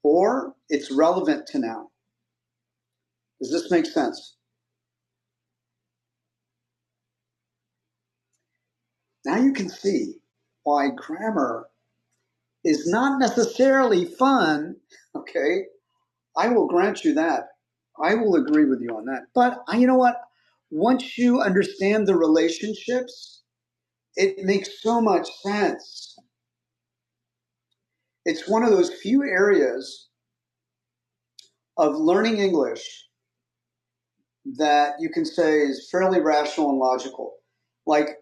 or it's relevant to now. Does this make sense? Now you can see why grammar is not necessarily fun. Okay. I will grant you that. I will agree with you on that. But uh, you know what? Once you understand the relationships, it makes so much sense. it's one of those few areas of learning English that you can say is fairly rational and logical. Like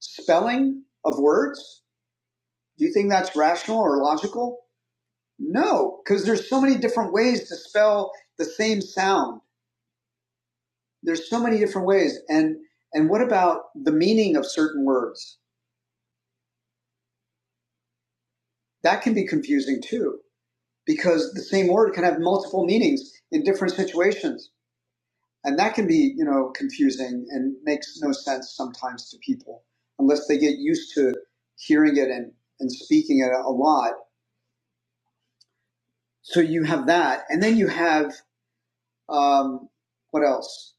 spelling of words, do you think that's rational or logical? No, because there's so many different ways to spell the same sound. There's so many different ways. And and what about the meaning of certain words? That can be confusing too, because the same word can have multiple meanings in different situations. And that can be, you know, confusing and makes no sense sometimes to people unless they get used to hearing it and, and speaking it a lot. So you have that. And then you have, um, what else?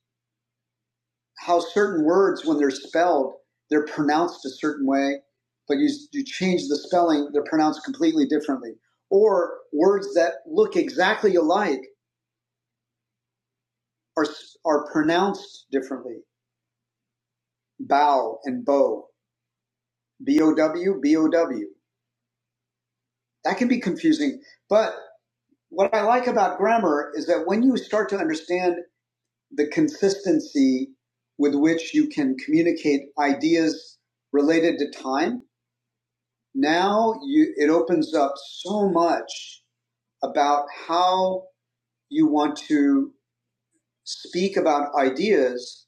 How certain words, when they're spelled, they're pronounced a certain way, but you, you change the spelling, they're pronounced completely differently. Or words that look exactly alike are, are pronounced differently. Bow and bow. B O W, B O W. That can be confusing. But what I like about grammar is that when you start to understand the consistency with which you can communicate ideas related to time, now you, it opens up so much about how you want to speak about ideas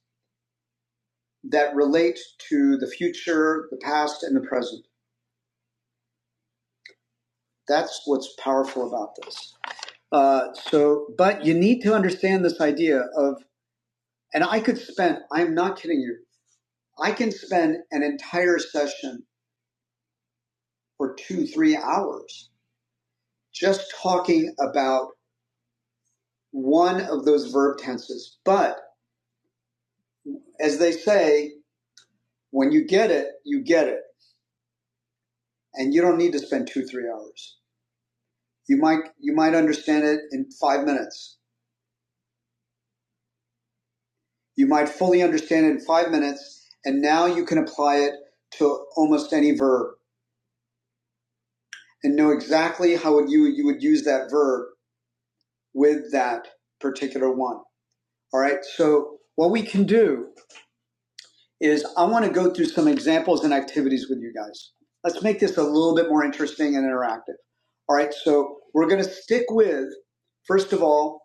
that relate to the future, the past, and the present. That's what's powerful about this. Uh, so, but you need to understand this idea of And I could spend, I'm not kidding you, I can spend an entire session for two, three hours just talking about one of those verb tenses. But as they say, when you get it, you get it. And you don't need to spend two, three hours. You might, you might understand it in five minutes. You might fully understand it in five minutes. And now you can apply it to almost any verb and know exactly how would you, you would use that verb with that particular one. All right. So what we can do is I want to go through some examples and activities with you guys. Let's make this a little bit more interesting and interactive. All right. So we're going to stick with, first of all,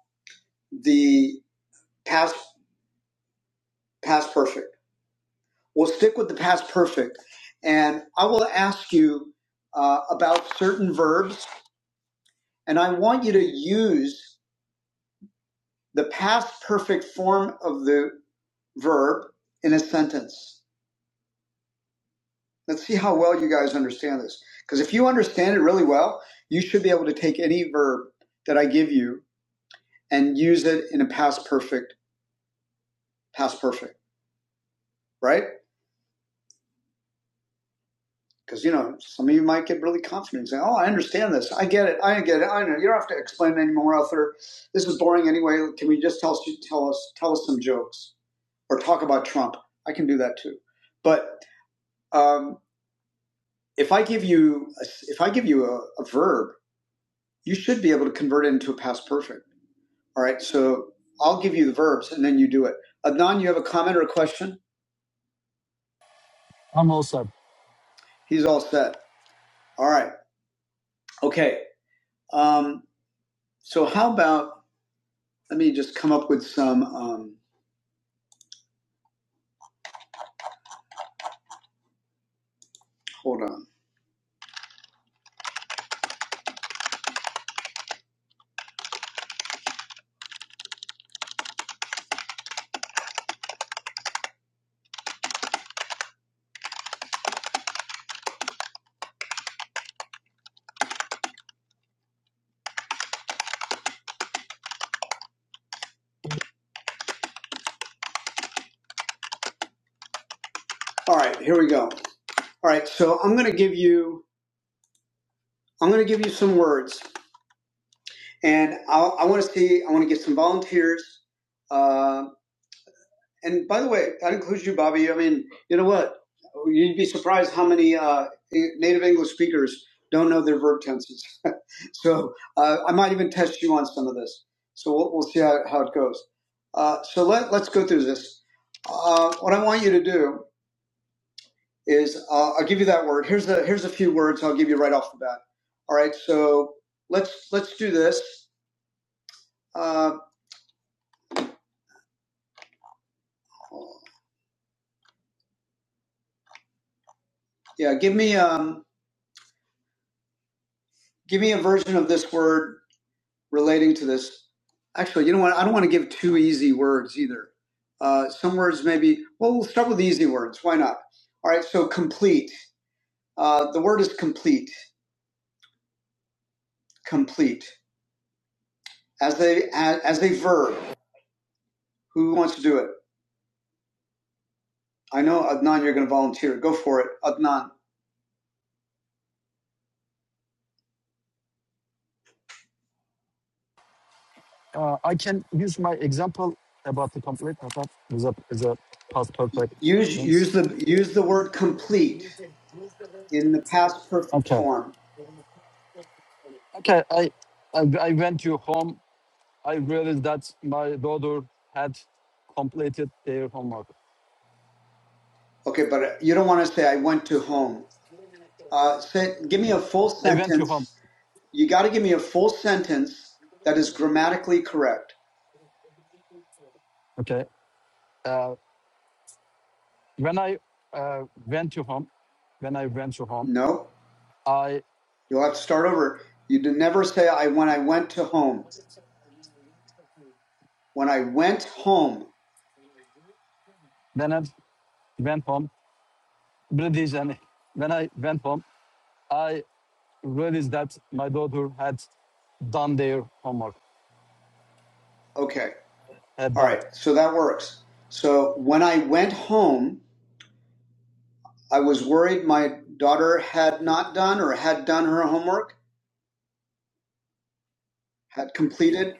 the past, past perfect. We'll stick with the past perfect and I will ask you uh, about certain verbs and I want you to use the past perfect form of the verb in a sentence. Let's see how well you guys understand this. Because if you understand it really well, you should be able to take any verb that I give you and use it in a past perfect, past perfect, right? Because you know, some of you might get really confident and say, "Oh, I understand this. I get it. I get it. I know. You don't have to explain it anymore, Arthur. This is boring anyway. Can we just tell us, tell us, tell us some jokes or talk about Trump? I can do that too. But um, if I give you, a, if I give you a, a verb, you should be able to convert it into a past perfect All right, so I'll give you the verbs and then you do it. Adnan, you have a comment or a question?
I'm also.
He's all set. All right. Okay. Um, so how about let me just come up with some. Um, hold on. All right, here we go. All right, so I'm going to give you I'm going to give you some words, and I'll, I want to see I want to get some volunteers. Uh, And by the way, that includes you, Bobby. I mean, you know what? You'd be surprised how many uh, native English speakers don't know their verb tenses. so uh, I might even test you on some of this. So we'll, we'll see how, how it goes. Uh, so let, let's go through this. Uh, what I want you to do is uh, I'll give you that word. Here's a here's a few words I'll give you right off the bat. All right. So let's let's do this. Uh, yeah. Give me um, give me a version of this word relating to this. Actually, you know what? I don't want to give too easy words either. Uh, some words maybe, well, we'll start with the easy words. Why not? All right, so complete. Uh, the word is complete, complete. As a, as, as a verb, who wants to do it? I know, Adnan, you're going to volunteer. Go for it, Adnan.
Uh, I can use my example about the complete. I thought is a is a past perfect
Use,
things.
use, the, use the word complete in the past perfect
Okay.
form.
Okay, I, I I went to home. I realized that my daughter had completed their homework.
Okay, but you don't want to say, I went to home. Uh, say, give me a full
I went to home.
sentence. You got to give me a full sentence that is grammatically correct.
Okay, uh, when I uh, went to home, when I went to home,
No,
I
you'll have to start over. You did never say I when I went to home. When I went home.
when I went home, British and when I went home, I realized that my daughter had done their homework.
Okay.
Had
All
done.
right. So that works. So when I went home, I was worried my daughter had not done or had done her homework, had completed,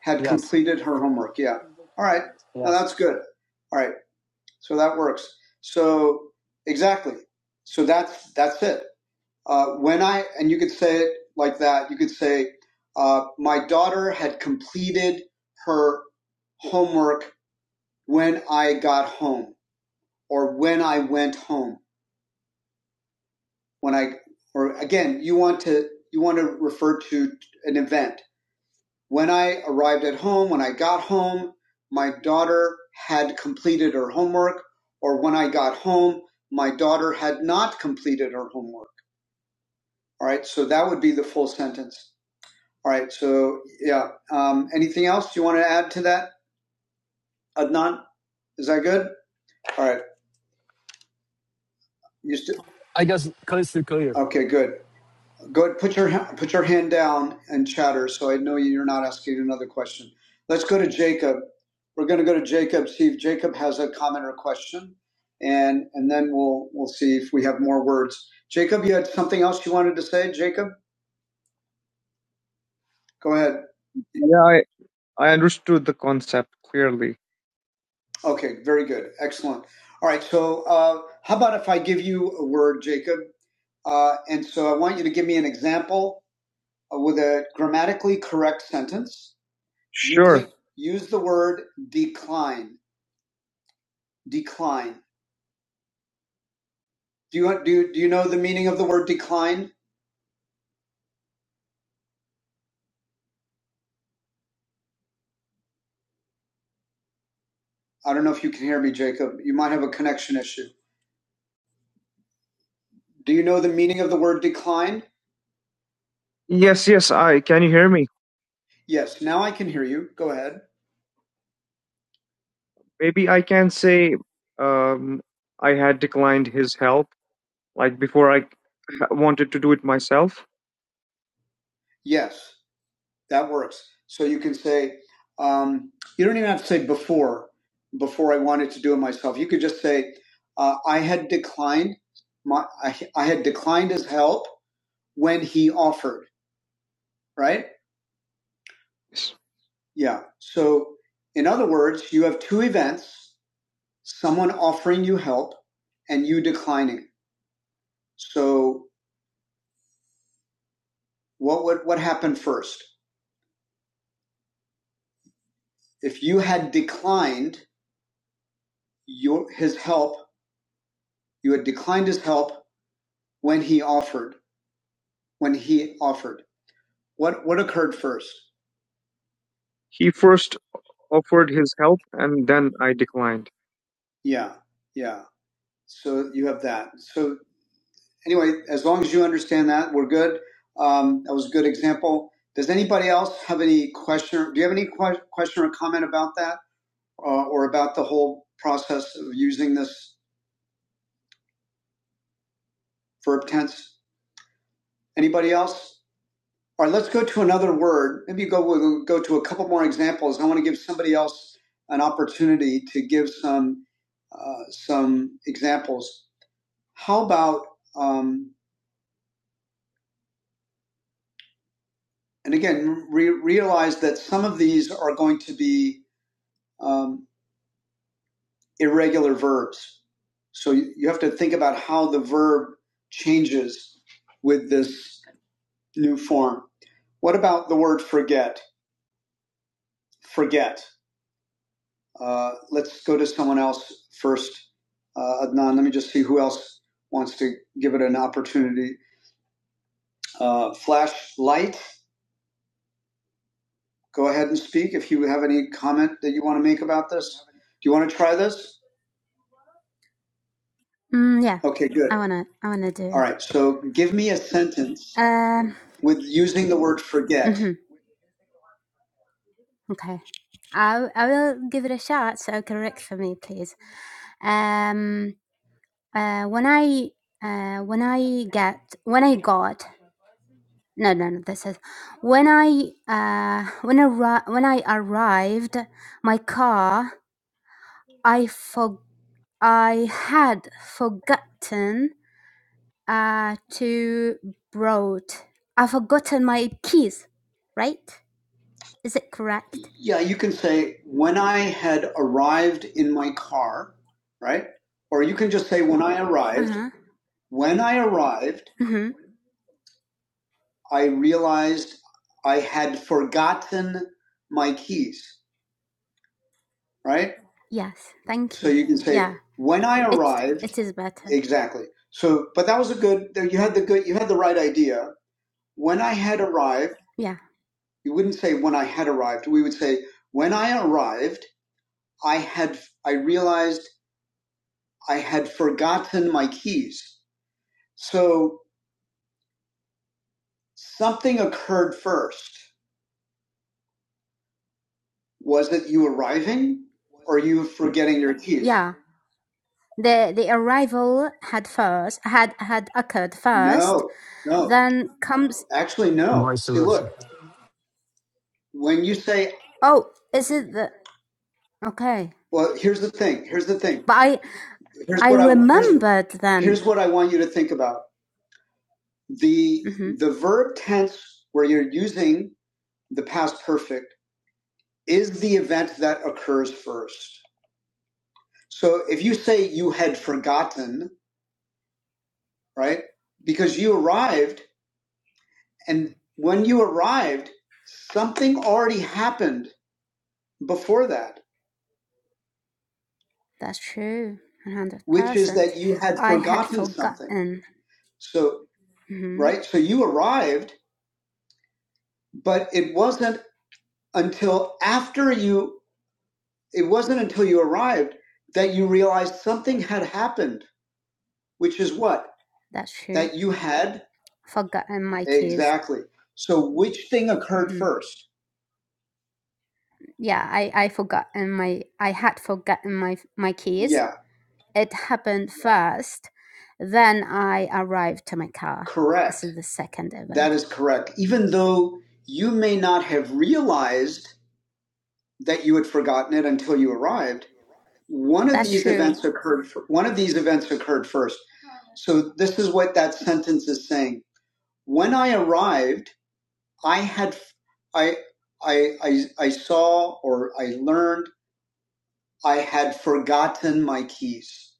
had
Yes,
completed her homework. Yeah. All right. Now
yes.
that's good. All right. So that works. So exactly. So that's that's it. Uh, when I and you could say it like that. You could say, uh, "My daughter had completed her homework when I got home, or when I went home. When I, or again, you want to you want to refer to an event When I arrived at home, when I got home, my daughter had completed her homework, or when I got home, my daughter had not completed her homework. All right, so that would be the full sentence. All right, so yeah. Um, anything else you want to add to that, Adnan? Is that good? All right. You st-
I guess clear, clear.
okay, good. Go put your put your hand down and chatter, so I know you're not asking another question. Let's go to Jacob. We're going to go to Jacob. See if Jacob has a comment or question, and and then we'll we'll see if we have more words. Jacob, you had something else you wanted to say. Jacob, go ahead. Yeah, I, I understood the concept clearly. Okay, very good, excellent. All right, so uh, how about if I give you a word, Jacob, uh, and so I want you to give me an example uh, with a grammatically correct sentence. Sure. Use the word decline. Decline. Do you do do you know the meaning of the word decline? I don't know if you can hear me, Jacob. You might have a connection issue. Do you know the meaning of the word decline? Yes, yes, I can you hear me? Yes. Now I can hear you. Go ahead. Maybe I can say um, I had declined his help, like before I wanted to do it myself. Yes. That works. So you can say, um, you don't even have to say before, before I wanted to do it myself. You could just say, uh, I had declined my, I, I had declined his help when he offered, right? Yes. Yeah. So, in other words, you have two events someone offering you help and you declining. So, what would what happened first? If you had declined your his help, you had declined his help when he offered. when he offered? What what occurred first? He first offered his help and then I declined. Yeah, yeah. So you have that. So anyway, as long as you understand that, we're good. Um, that was a good example. Does anybody else have any question? Do you have any que- question or comment about that, uh, or about the whole process of using this verb tense? Anybody else? All right, let's go to another word. Maybe go we'll go to a couple more examples. I want to give somebody else an opportunity to give some uh, some examples. How about um, and again re- realize that some of these are going to be um, irregular verbs. So you, you have to think about how the verb changes with this new form. What about the word forget? Forget. Uh, let's go to someone else first. Uh, Adnan, let me just see who else wants to give it an opportunity. Uh, Flashlight, go ahead and speak if you have any comment that you want to make about this. Do you want to try this?
Mm, yeah,
Okay, good.
I wanna, I wanna
All
do.
right, so give me a sentence
Um,
with using the word forget.
hmm okay. I, I will give it a shot. So correct for me, please. Um, uh, when I, uh, when I get, when I got, no, no, no. This is when I, uh, when I, arri- when I arrived, my car, I for, I had forgotten, uh, to brought. I forgotten my keys, right? Is it correct?
Yeah, you can say, when I had arrived in my car, right? Or you can just say, when I
Uh
arrived,
huh.
when I arrived,
Mm-hmm.
I realized I had forgotten my keys, right?
Yes. Thank
So
you.
you can say,
Yeah.
when I
It
arrived,
it is better.
exactly. So, but that was a good, you had the good, you had the right idea. When I had arrived,
Yeah.
you wouldn't say when I had arrived. We would say, when I arrived, I had, I realized I had forgotten my keys. So something occurred first. Was it you arriving or you forgetting your keys?
Yeah. The the arrival had first had had occurred first.
No, no,
Then comes.
actually, no.
Vice
See,
versa.
look, when you say,
Oh, is it the okay?
well, here's the thing. Here's the thing.
But I
Here's
I
what I want. Here's
remembered
here's
then.
what I want you to think about. The
Mm-hmm.
the verb tense where you're using the past perfect is the event that occurs first. So if you say you had forgotten, right? Because you arrived, and when you arrived, something already happened before that,
That's true. One hundred
which is that
percent.
you had
I had
forgotten something.
forgotten.
So,
Mm-hmm.
right? So you arrived, but it wasn't until after you, it wasn't until you arrived that you realized something had happened, which is what?
That's true.
That you had?
Forgotten my keys.
Exactly. So which thing occurred
Mm-hmm.
first?
Yeah, I I forgotten my I had forgotten my my keys
Yeah,
It happened first, then I arrived to my car. This
correct.
is the second
That
event.
is correct. Even though you may not have realized that you had forgotten it until you arrived, one of
That's
these
true.
events occurred one of these events occurred first so this is what that sentence is saying when i arrived i had i i i, I saw or i learned i had forgotten my keys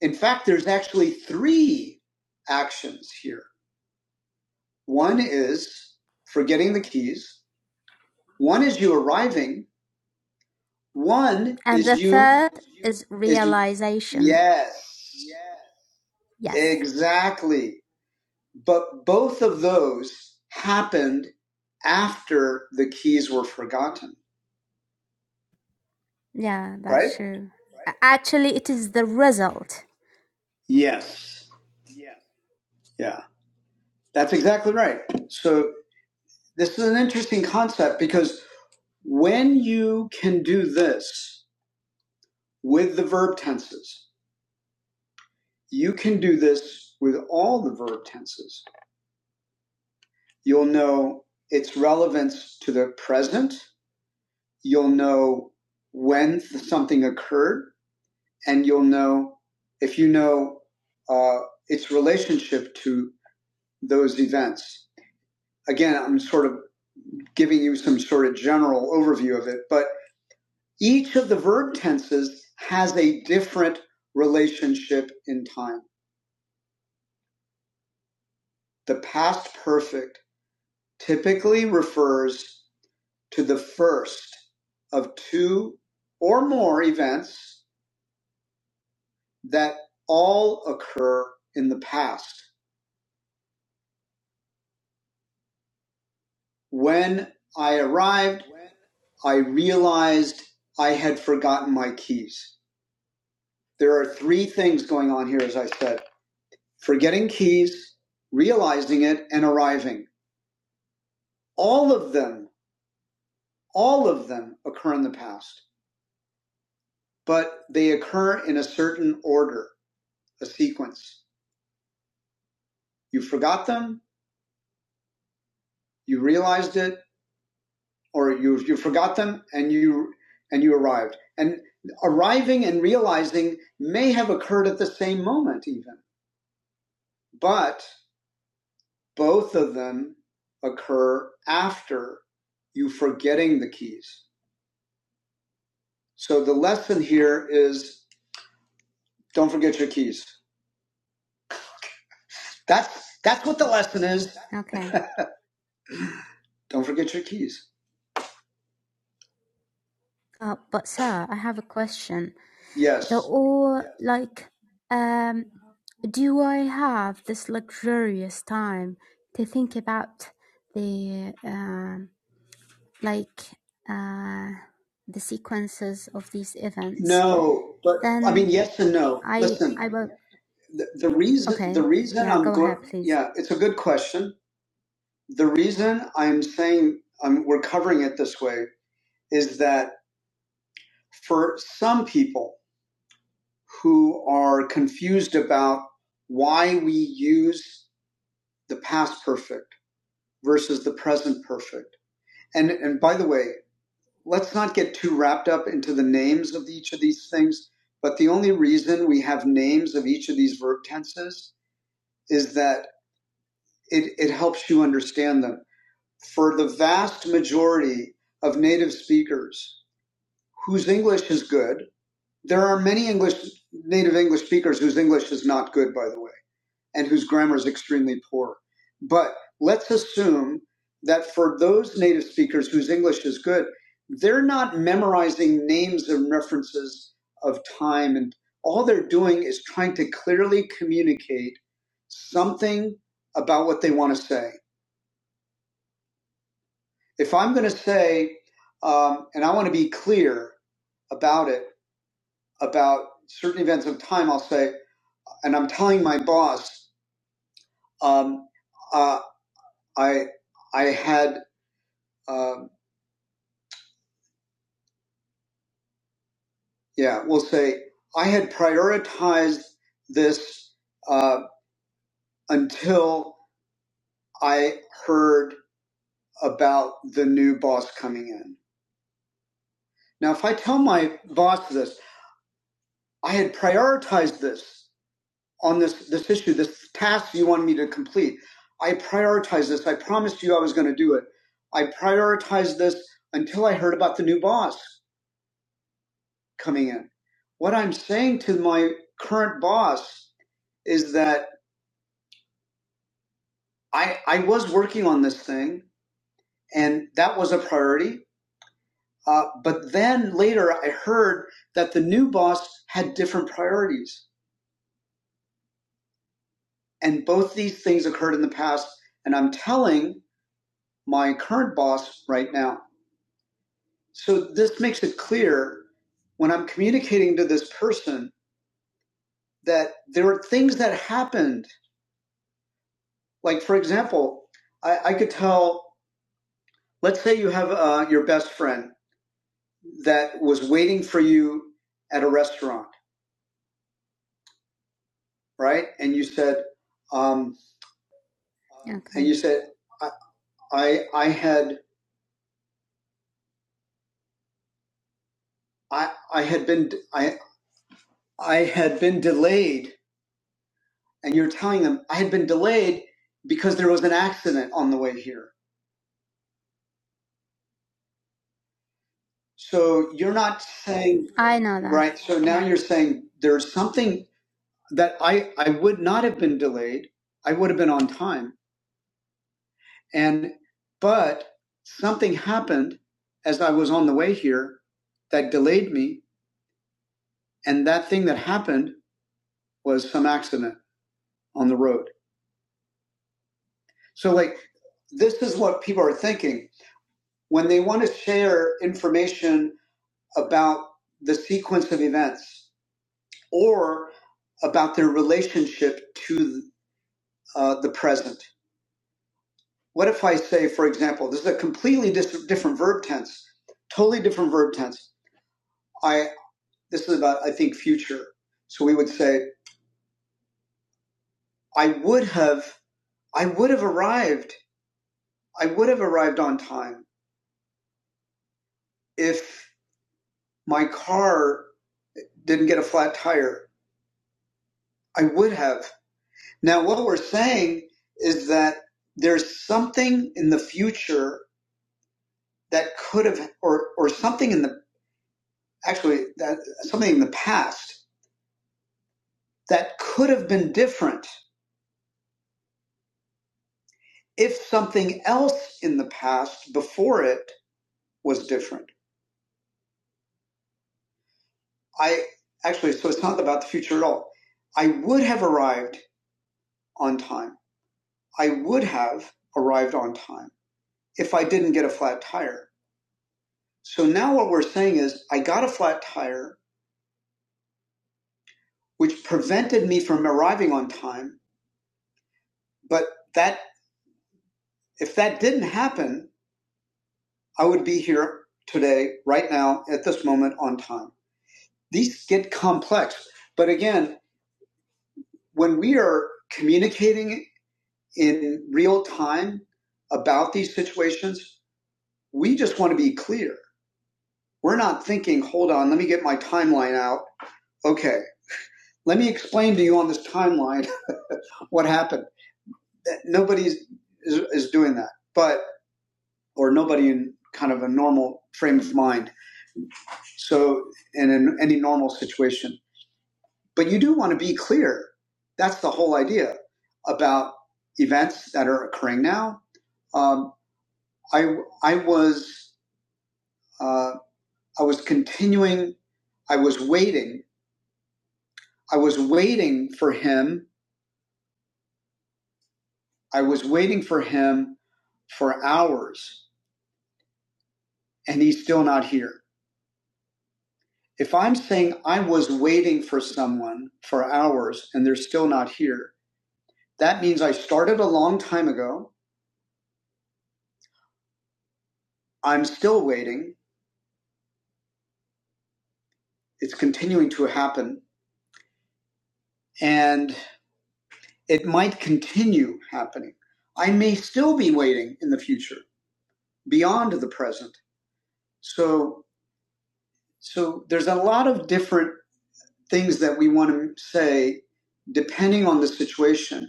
in fact there's actually three actions here one is forgetting the keys one is you arriving one
And
is
the
you
third is
is
realization.
yes
Yes.
Exactly. But both of those happened after the keys were forgotten,
Yeah,
right?
that's true. Actually, it is the result.
Yes. Yeah. That's exactly right. So this is an interesting concept because when you can do this with the verb tenses, you can do this with all the verb tenses. You'll know its relevance to the present. You'll know when something occurred and you'll know if you know uh, its relationship to those events. Again, I'm sort of giving you some sort of general overview of it, but each of the verb tenses has a different relationship in time. The past perfect typically refers to the first of two or more events that all occur in the past. When I arrived, I realized I had forgotten my keys. There are three things going on here, as I said forgetting keys, realizing it, and arriving. All of them, all of them occur in the past, but they occur in a certain order, a sequence. You forgot them, you realized it, or you, you forgot them and you and you arrived. And arriving and realizing may have occurred at the same moment even, but Both of them occur after you forgetting the keys. So the lesson here is don't forget your keys. That's that's what the lesson is.
Okay.
Don't forget your keys.
Uh, but sir, I have a question. They're
Yes.
all like, um, do I have this luxurious time to think about the uh, like uh, the sequences of these events,
No, but I mean
then
yes and no.
I
Listen,
I will.
the, the reason the
Okay,
reason
yeah,
I'm
go ahead,
going
please.
yeah, it's a good question. The reason I'm saying I'm we're covering it this way is that for some people who are confused about why we use the past perfect versus the present perfect. And and by the way, let's not get too wrapped up into the names of each of these things, but the only reason we have names of each of these verb tenses is that it, it helps you understand them. For the vast majority of native speakers whose English is good, there are many English native English speakers whose English is not good, by the way and whose grammar is extremely poor. But let's assume that for those native speakers whose English is good, they're not memorizing names and references of time. And all they're doing is trying to clearly communicate something about what they want to say. If I'm going to say, um, and I want to be clear about it, about certain events of time, I'll say, and I'm telling my boss, um, uh, I, I had um, yeah, we'll say I had prioritized this uh, until I heard about the new boss coming in. Now, if I tell my boss this, I had prioritized this on this this issue, this task you wanted me to complete. I prioritized this. I promised you I was going to do it. I prioritized this until I heard about the new boss coming in. What I'm saying to my current boss is that I, I was working on this thing, and that was a priority. Uh, but then later, I heard that the new boss had different priorities. And both these things occurred in the past, and I'm telling my current boss right now. So this makes it clear when I'm communicating to this person that there are things that happened. Like, for example, I, I could tell, let's say you have uh, your best friend that was waiting for you at a restaurant right? And you said, um, and you
Okay,
said, I, I, I had, I, I had been, I, I had been delayed, and you're telling them I had been delayed because there was an accident on the way here. So you're not saying,
I know that.
right? So now
Yeah,
you're saying there's something that I, I would not have been delayed. I would have been on time, and but something happened as I was on the way here that delayed me, and that thing that happened was some accident on the road. So, like, this is what people are thinking when they want to share information about the sequence of events or about their relationship to uh, the present. What if I say, for example, this is a completely dis- different verb tense, totally different verb tense. I this is about I think future. So we would say, I would have, I would have arrived, I would have arrived on time if my car didn't get a flat tire. I would have. Now, what we're saying is that there's something in the future that could have, or, or something in the, actually, that, something in the past that could have been different if something else in the past before it was different. I actually, so it's not about the future at all. I would have arrived on time. I would have arrived on time if I didn't get a flat tire. So now what we're saying is I got a flat tire, which prevented me from arriving on time. But that, if that didn't happen, I would be here today, right now, at this moment on time. These get complex. But again, when we are communicating in real time about these situations, we just want to be clear. We're not thinking, hold on, let me get my timeline out. Okay, let me explain to you on this timeline what happened nobody is, is doing that, but or nobody in kind of a normal frame of mind. So, and in any normal situation, but you do want to be clear. That's the whole idea about events that are occurring now. Um, I I was uh, I was continuing. I was waiting. I was waiting for him. I was waiting for him for hours, and he's still not here. If I'm saying I was waiting for someone for hours and they're still not here, that means I started a long time ago. I'm still waiting. It's continuing to happen and it might continue happening. I may still be waiting in the future beyond the present. So, so there's a lot of different things that we want to say depending on the situation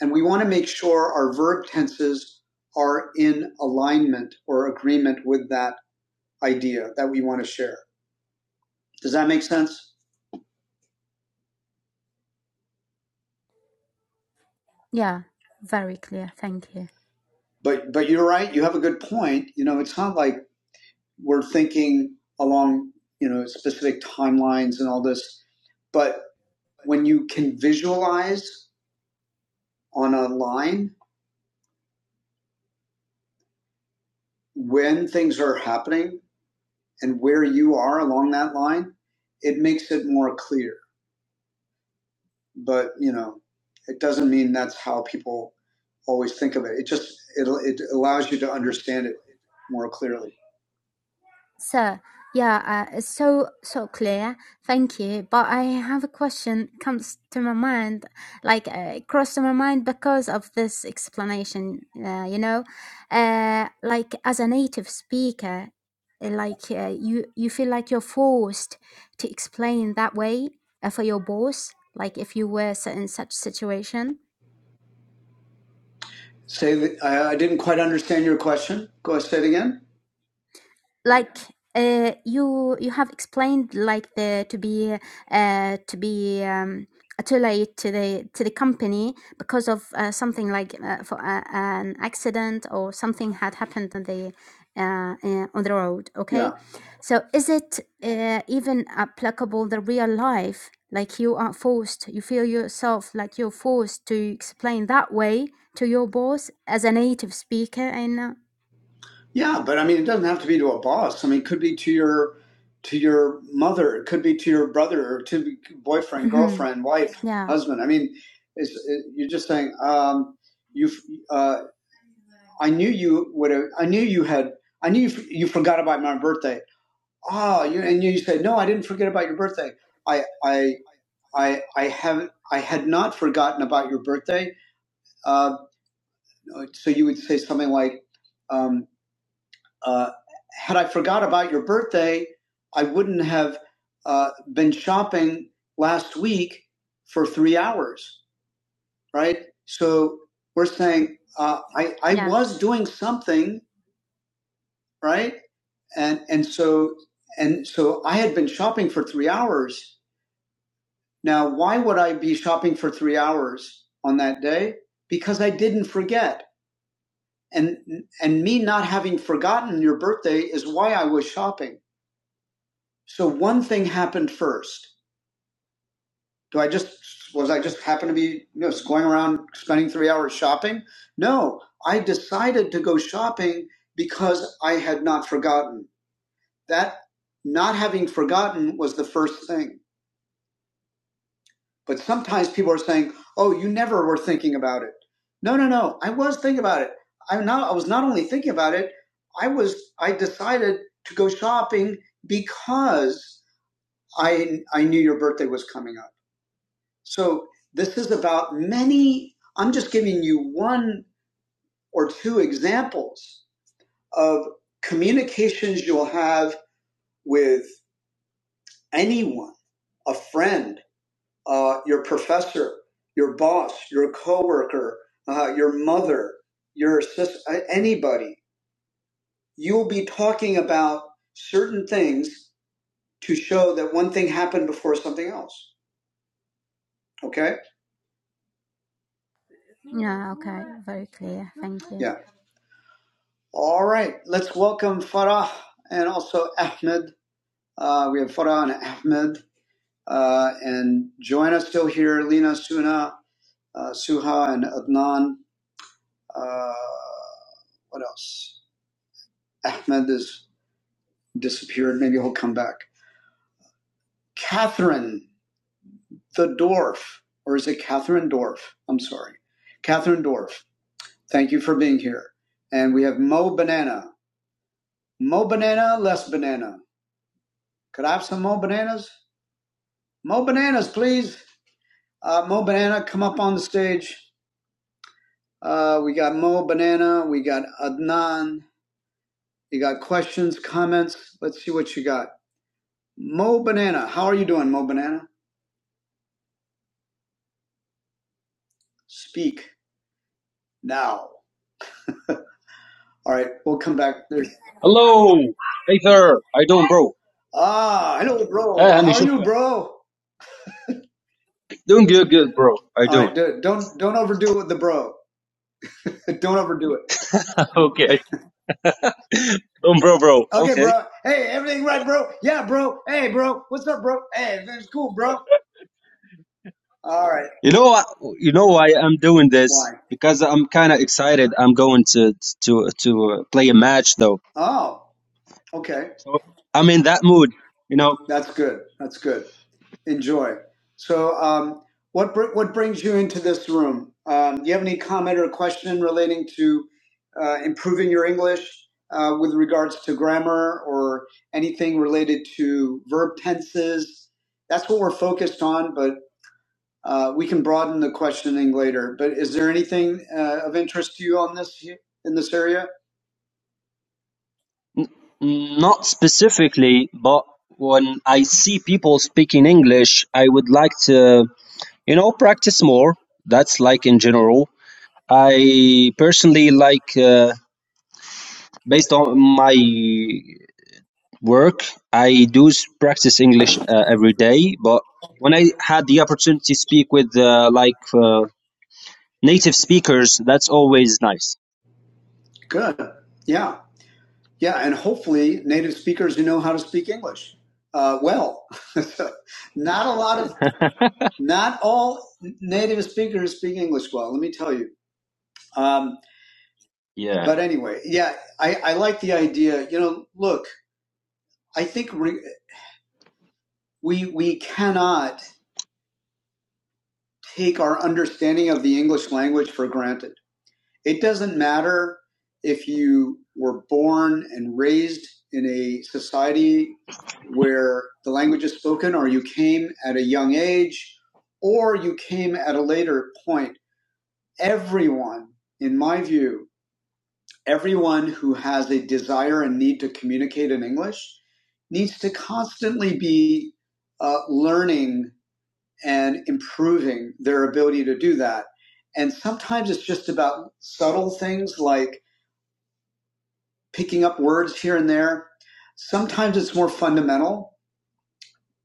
And we want to make sure our verb tenses are in alignment or agreement with that idea that we want to share. Does that make sense?
yeah, very clear. Thank you.
But but you're right, you have a good point. You know, it's not like we're thinking along, you know, specific timelines and all this, but when you can visualize on a line when things are happening and where you are along that line, it makes it more clear. but you know, it doesn't mean that's how people always think of it. It just it it allows you to understand it more clearly.
Sir, yeah, uh, it's so so clear. Thank you. But I have a question comes to my mind, like uh, crossed to my mind because of this explanation. Uh, you know, uh, like as a native speaker, uh, like uh, you you feel like you're forced to explain that way uh, for your boss, like if you were s- in such situation.
Say that I, I didn't quite understand your question. Go ahead, say it again.
like uh, you you have explained like the to be uh, to be um, too late to the to the company because of uh, something like uh, for uh, an accident or something had happened on the uh, uh, on the road
Yeah.
okay so is it uh, even applicable the real life like you are forced you feel yourself like you're forced to explain that way to your boss as a native speaker and uh,
Yeah, but I mean, it doesn't have to be to a boss. I mean, it could be to your to your mother. It could be to your brother or to boyfriend,
mhm.
girlfriend, wife,
yeah
husband. I mean, it's, it, you're just saying um, you. Uh, I knew you would have. I knew you had. I knew you, you forgot about my birthday. Oh, you and you said no. I didn't forget about your birthday. I I I I have. I had not forgotten about your birthday. Uh, so you would say something like. Um, Uh, had I forgot about your birthday, I wouldn't have uh, been shopping last week for three hours, right? So we're saying uh, I I
yeah
was doing something, right? And and so and so I had been shopping for three hours. Now, why would I be shopping for three hours on that day? Because I didn't forget, and and me not having forgotten your birthday is why I was shopping So one thing happened first. Do I just was I just happen to be you know going around spending three hours shopping? No, I decided to go shopping because I had not forgotten. That not having forgotten was the first thing. But sometimes people are saying, "Oh, you never were thinking about it." No, no, no. I was thinking about it. I am not I was not only thinking about it. I was I decided to go shopping because I I knew your birthday was coming up. So this is about many, I'm just giving you one or two examples of communications you'll have with anyone, a friend, uh, your professor, your boss, your coworker, uh, your mother, your sis- uh, anybody. You'll be talking about certain things to show that one thing happened before something else. Okay?
Yeah, okay, very clear. Thank you.
Yeah. All right. Let's welcome Farah and also Ahmed. Uh, we have Farhan Ahmed uh, and Joanna still here, Lina Suna, uh, Suha, and Adnan. Uh, what else? Ahmed has disappeared. Maybe he'll come back. Catherine the Dwarf, or is it Catherine Dorf? I'm sorry. Catherine Dorf, thank you for being here. And we have Mo Banana. Mo Banana, less banana. Could I have some Mo Bananas? Mo Bananas, please. Uh, Mo Banana, come up on the stage. Uh, we got Mo Banana. We got Adnan. You got questions, comments? Let's see what you got. Mo Banana. How are you doing, Mo Banana? Speak now. All right, we'll come back. There's
Hello. Hey, sir. How you doing, bro?
ah, hello, bro.
Eh, هني
How are
شوف
you, bro?
Doing good, good, bro. How you
All
doing?
right, do- don't don't overdo it with the bro. don't overdo it.
Okay. Doing bro, bro.
Okay,
Okay.
bro. Hey, everything right, bro? Yeah, bro. Hey, bro. What's up, bro? Hey, it's cool, bro. All right.
You know, why- you know why I'm doing
Why?
this? Because I'm kind of excited. I'm going to to to uh, play a match, though.
Oh, okay.
So I'm in that mood. You know,
That's good. That's good. enjoy. So, um, what br- what brings you into this room? Um, do you have any comment or question relating to uh, improving your English uh, with regards to grammar or anything related to verb tenses? That's what we're focused on, but uh, we can broaden the questioning later. But is there anything uh, of interest to you on this in this area?
not specifically, but when I see people speaking English, I would like to, you know, practice more. That's like in general. I personally like. Uh, Based on my work, I do s- practice English uh, every day, but when I had the opportunity to speak with uh, like uh, native speakers, that's always nice.
Good. Yeah, yeah, and hopefully native speakers who know how to speak English uh, well. not a lot of Not all native speakers speak English well, let me tell you. Um,
Yeah.
but anyway, yeah, I, I like the idea. You know, look, I think re- we we cannot take our understanding of the English language for granted. It doesn't matter if you were born and raised in a society where the language is spoken, or you came at a young age, or you came at a later point. Everyone, in my view, everyone who has a desire and need to communicate in English needs to constantly be uh, learning and improving their ability to do that. And sometimes it's just about subtle things like picking up words here and there. Sometimes it's more fundamental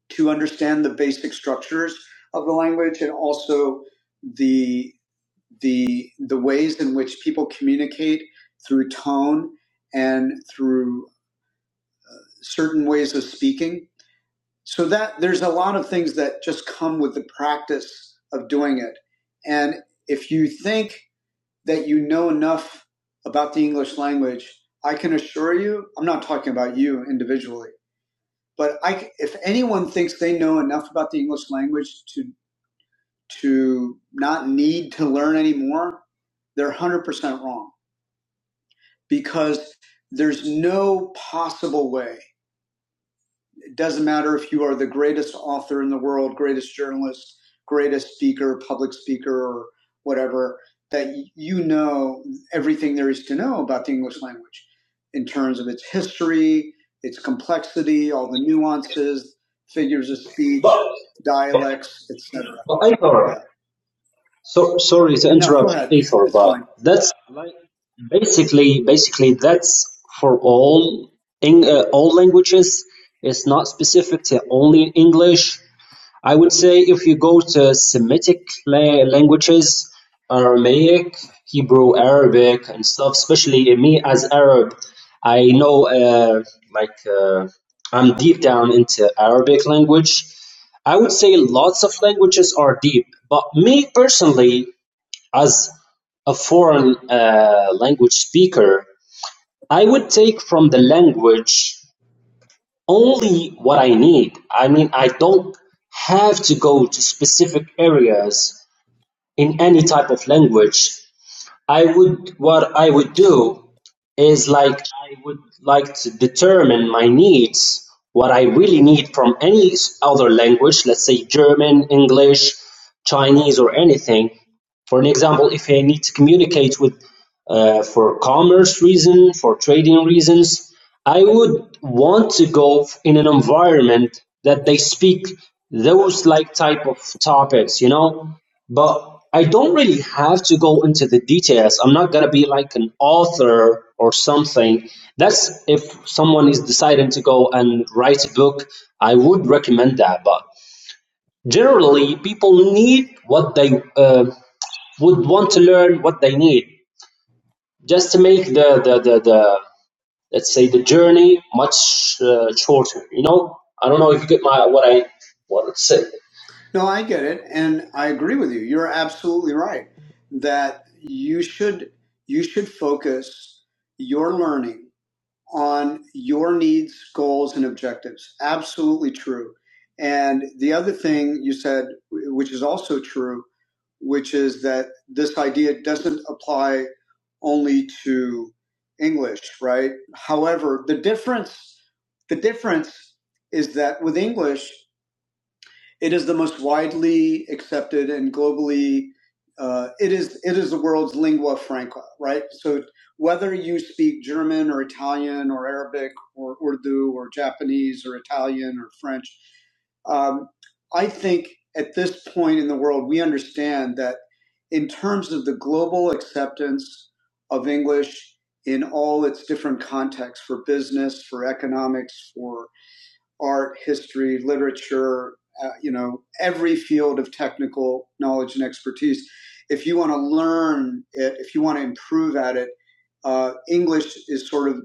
to understand the basic structures of the language and also the the the ways in which people communicate through tone and through certain ways of speaking. So that there's a lot of things that just come with the practice of doing it. And if you think that you know enough about the English language, I can assure you, I'm not talking about you individually, but I c if anyone thinks they know enough about the English language to to not need to learn anymore, they're 100% wrong because there's no possible way It doesn't matter if you are the greatest author in the world, greatest journalist, greatest speaker, public speaker, or whatever, that you know everything there is to know about the English language in terms of its history, its complexity, all the nuances, figures of
But,
speech, dialects, etc.
but Ithor,
Yeah.
so sorry to
No, go
interrupt
ahead.
Ithor,
It's
but
fine.
that's like basically basically that's for all in uh, all languages. It's not specific to only English. I would say if you go to Semitic la- languages, Aramaic, Hebrew, Arabic, and stuff, especially me as Arab, I know uh, like uh, I'm deep down into Arabic language. I would say lots of languages are deep, but me personally, as a foreign uh, language speaker, I would take from the language only what I need. I mean, I don't have to go to specific areas in any type of language i would what i would do is like i would like to determine my needs what i really need from any other language let's say german english chinese or anything for an example, if I need to communicate with uh, for commerce reason, for trading reasons, I would want to go in an environment that they speak those like type of topics, you know. But I don't really have to go into the details. I'm not gonna be like an author or something. That's if someone is deciding to go and write a book, I would recommend that. But generally, people need what they uh, would want to learn what they need just to make the the the, the let's say the journey much uh, shorter. You know, I don't know if you get my what I what to say.
No, I get it. And I agree with you. You're absolutely right that you should you should focus your learning on your needs, goals, and objectives. Absolutely true. And the other thing you said, which is also true, which is that this idea doesn't apply only to English, right? However, the difference, the difference is that with English, it is the most widely accepted and globally. Uh, it is it is the world's lingua franca, right? So whether you speak German or Italian or Arabic or Urdu or Japanese or Italian or French, um, I think at this point in the world, we understand that in terms of the global acceptance of English in all its different contexts for business, for economics, for art, history, literature, uh, you know, every field of technical knowledge and expertise. If you want to learn it, if you want to improve at it, uh, English is sort of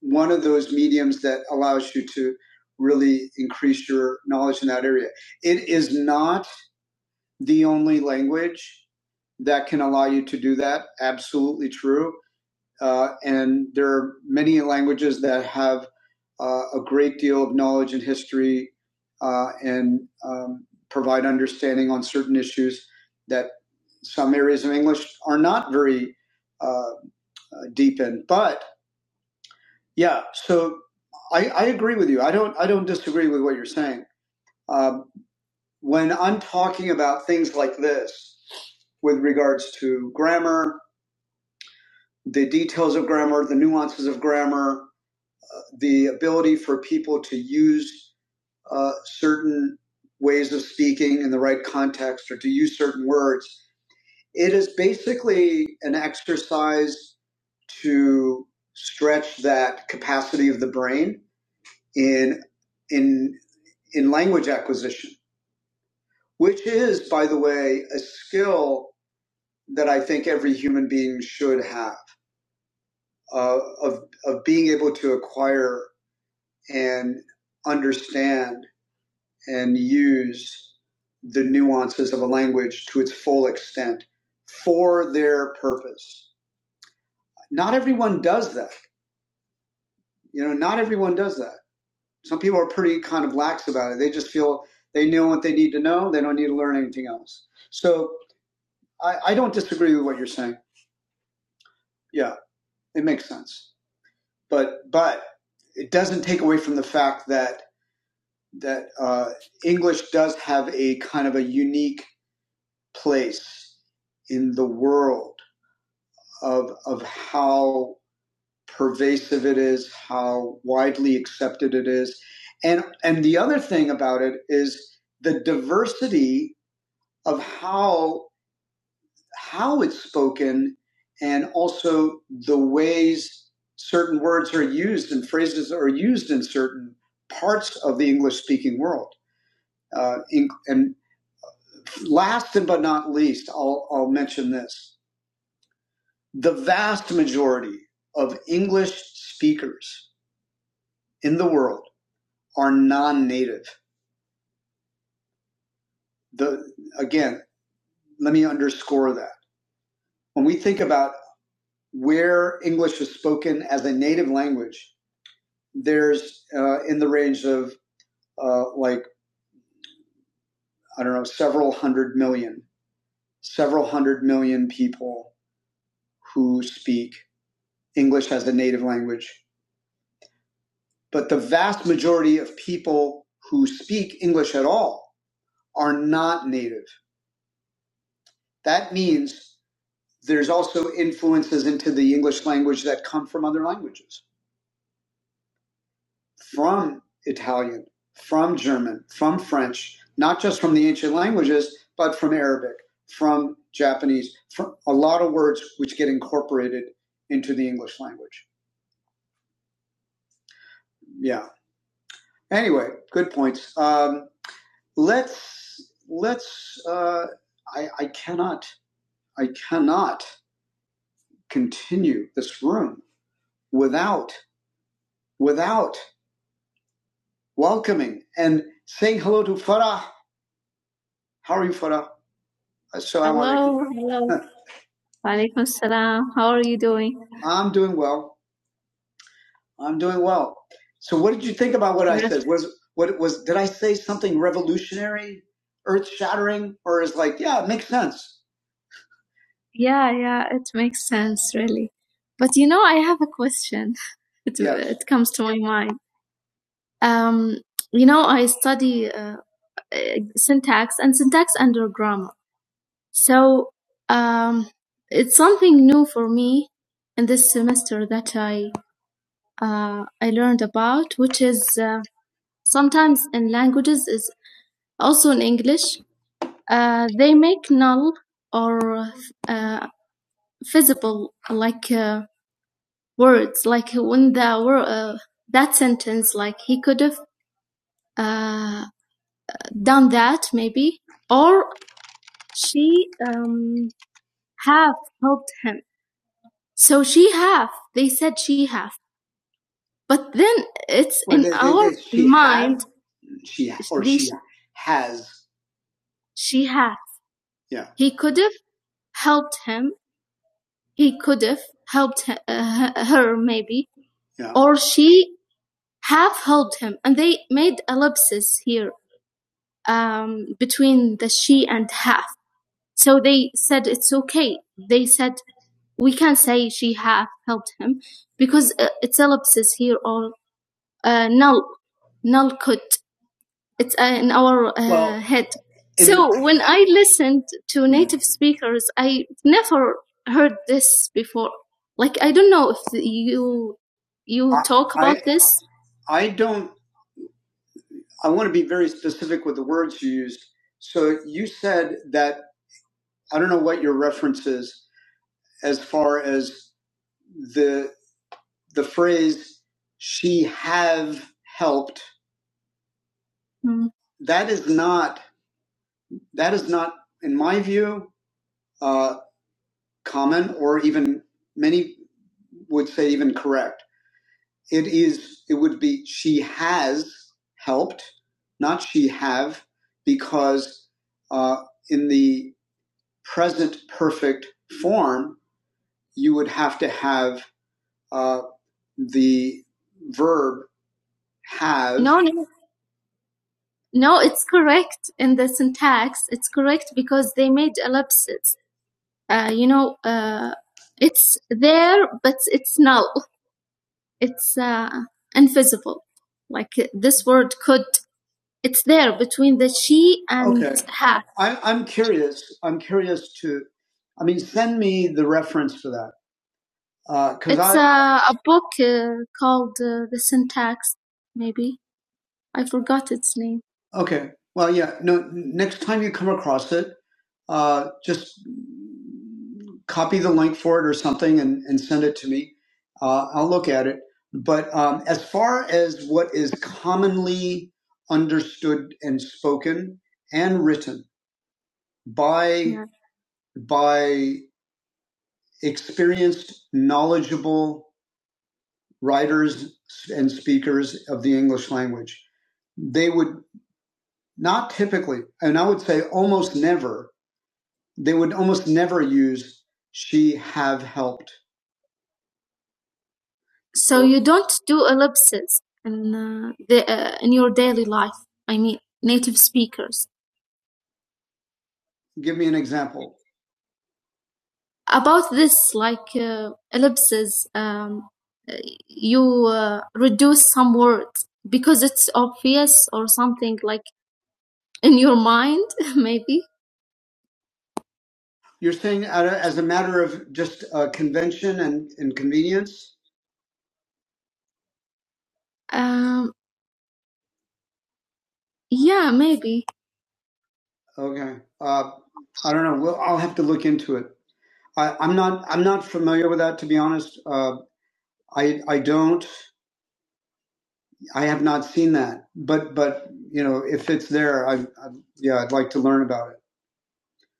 one of those mediums that allows you to really increase your knowledge in that area. It is not the only language that can allow you to do that. Absolutely true. Uh, and there are many languages that have uh, a great deal of knowledge and history uh, and um, provide understanding on certain issues that some areas of English are not very uh, uh, deep in. But yeah, so I, I agree with you. I don't I don't disagree with what you're saying. Um, when I'm talking about things like this, with regards to grammar, the details of grammar, the nuances of grammar, the ability for people to use uh, certain ways of speaking in the right context or to use certain words. It is basically an exercise to stretch that capacity of the brain in in in language acquisition, which is, by the way, a skill that I think every human being should have uh, of of being able to acquire and understand and use the nuances of a language to its full extent for their purpose. Not everyone does that. You know, not everyone does that. Some people are pretty kind of lax about it. They just feel they know what they need to know. They don't need to learn anything else. So I, I don't disagree with what you're saying. Yeah, it makes sense. But but it doesn't take away from the fact that that uh, English does have a kind of a unique place in the world of of how pervasive it is, how widely accepted it is, and and the other thing about it is the diversity of how how it's spoken, and also the ways certain words are used and phrases are used in certain parts of the English speaking world. Uh, in, and last and but not least, I'll, I'll mention this: the vast majority of English speakers in the world are non-native. The, again, let me underscore that. When we think about where English is spoken as a native language, there's uh, in the range of uh, like, I don't know, several hundred million, several hundred million people who speak English as a native language. But the vast majority of people who speak English at all are not native. That means There's also influences into the English language that come from other languages, from Italian, from German, from French, not just from the ancient languages, but from Arabic, from Japanese, from a lot of words which get incorporated into the English language. Yeah. Anyway, good points. Um, let's let's. Uh, I, I cannot I cannot continue this room without without welcoming and saying hello to Farah. How are you, Farah? Assalamu alaikum. Hello, hello. Alaikum salam. How are you doing? I'm doing well. I'm doing well. So, what did you think about what I Yes. said? Was what was? Did I say something revolutionary, earth shattering, or is like, yeah, it makes sense? Yeah, yeah, it makes sense, really. But you know, I have a question. It Yes. it comes to my mind. Um, you know, I study uh, uh, syntax and syntax under grammar. So um, it's something new for me in this semester that I uh, I learned about, which is uh, sometimes in languages is also in English. Uh, they make null or uh, visible like uh, words, like when the word uh, that sentence, like he could have uh, done that maybe, or she um, have helped him So she have. They said she have. But then it's Well, in they, our they, she had, mind. Have, she have, or They, she has. she had. Yeah. He could have helped him. He could have helped he- uh, her maybe, Yeah. or she have helped him. And they made ellipses here um, between the she and have. So they said it's okay. They said we can not say she have helped him because uh, it's ellipsis here or. uh, null null could it's uh, in our uh, Well, head so when i listened to native speakers i never heard this before like i don't know if you you I, talk I about I, this I don't, I want to be very specific with the words you used. So you said that, I don't know what your reference is as far as the, the phrase, she have helped. Mm. That is not. That is not, in my view, uh, common or even many would say even correct. It is, it would be, she has helped, not she have, because uh, in the present perfect form, you would have to have uh, the verb have. No, no, no, it's correct in the syntax. It's correct because they made ellipses. uh, you know, uh, it's there, but it's null. It's uh, invisible. Like uh, this word could, it's there between the she and Okay. her. I'm, I'm curious. I'm curious to, I mean, send me the reference for that. Because It's I, uh, a book uh, called uh, The Syntax, maybe. I forgot its name. Okay. Well, yeah. No. Next time you come across it, uh, just copy the link for it or something and, and send it to me. Uh, I'll look at it. But um, as far as what is commonly understood and spoken and written by Yeah. by experienced, knowledgeable writers and speakers of the English language, they would. Not typically, and I would say almost never. They would almost never use she have helped. So you don't do ellipses in uh, the uh, in your daily life. I mean, native speakers. Give me an example. About this, like uh, ellipses, um, uh, you uh, reduce some words because it's obvious or something like in your mind, maybe. You're saying out of- as a matter of just uh, convention and, and convenience? Um, yeah, maybe. Okay. Uh, I don't know. Well, I'll have to look into it. I, I'm not. I'm not familiar with that, to be honest. Uh, I I don't. I have not seen that. But but you know, if it's there, I, I yeah, I'd like to learn about it.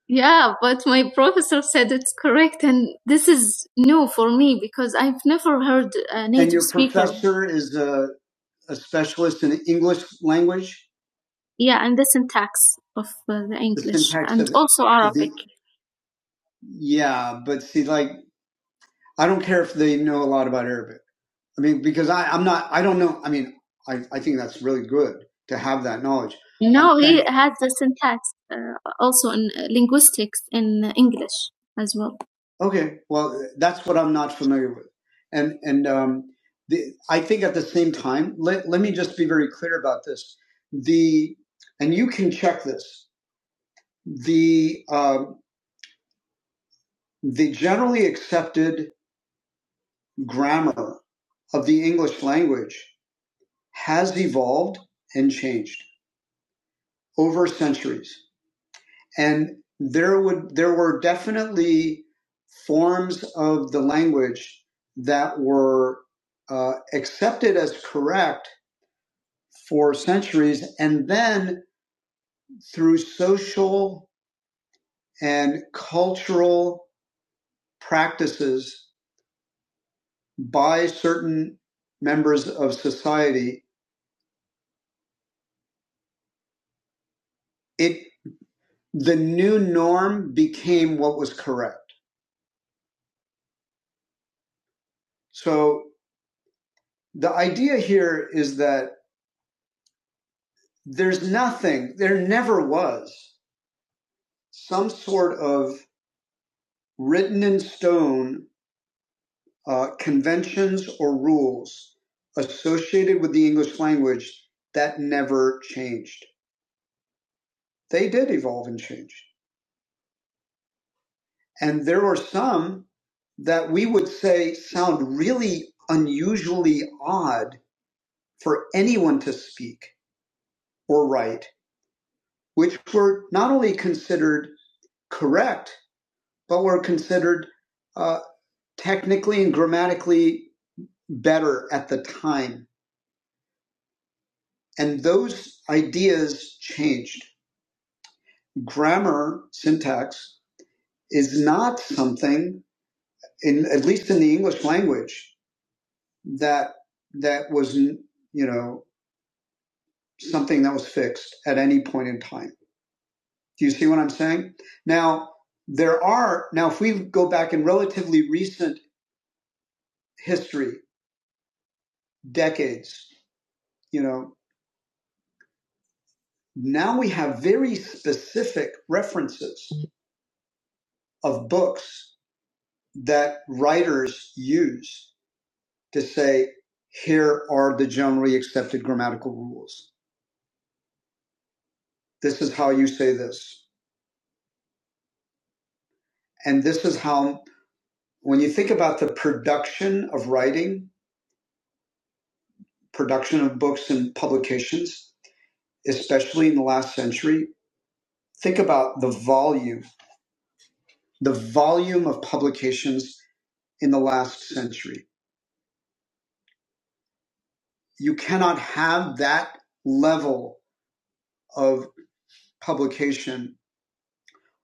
Yeah, but my professor said it's correct, and this is new for me because I've never heard a native And your speaker. professor is a a specialist in the English language, Yeah, and the syntax of uh, the English syntax and of also Arabic. it yeah, but see, like, I don't care if they know a lot about Arabic. I mean, because I, I'm not, I don't know. I mean, I, I think that's really good to have that knowledge. No, he has the syntax uh, also in linguistics in English as well. Okay, well, that's what I'm not familiar with, and and um, the, I think at the same time, let let me just be very clear about this. The and you can check this. The uh, the generally accepted grammar of the English language has evolved and changed over centuries. And there would there were definitely forms of the language that were uh, accepted as correct for centuries, and then through social and cultural practices by certain members of society, it the new norm became what was correct. So The idea here is that there's nothing, there never was some sort of written in stone uh, conventions or rules associated with the English language that never changed. They did evolve and change. And there were some that we would say sound really unusually odd for anyone to speak or write, which were not only considered correct, but were considered uh, technically and grammatically better at the time. And those ideas changed. Grammar, syntax, is not something, in, at least in the English language, that that was, you know, something that was fixed at any point in time. Do you see what I'm saying? Now, there are, now if we go back in relatively recent history, decades, you know, now we have very specific references of books that writers use to say, here are the generally accepted grammatical rules. This is how you say this. And this is how, when you think about the production of writing, production of books and publications, especially in the last century, think about the volume, the volume of publications in the last century you cannot have that level of publication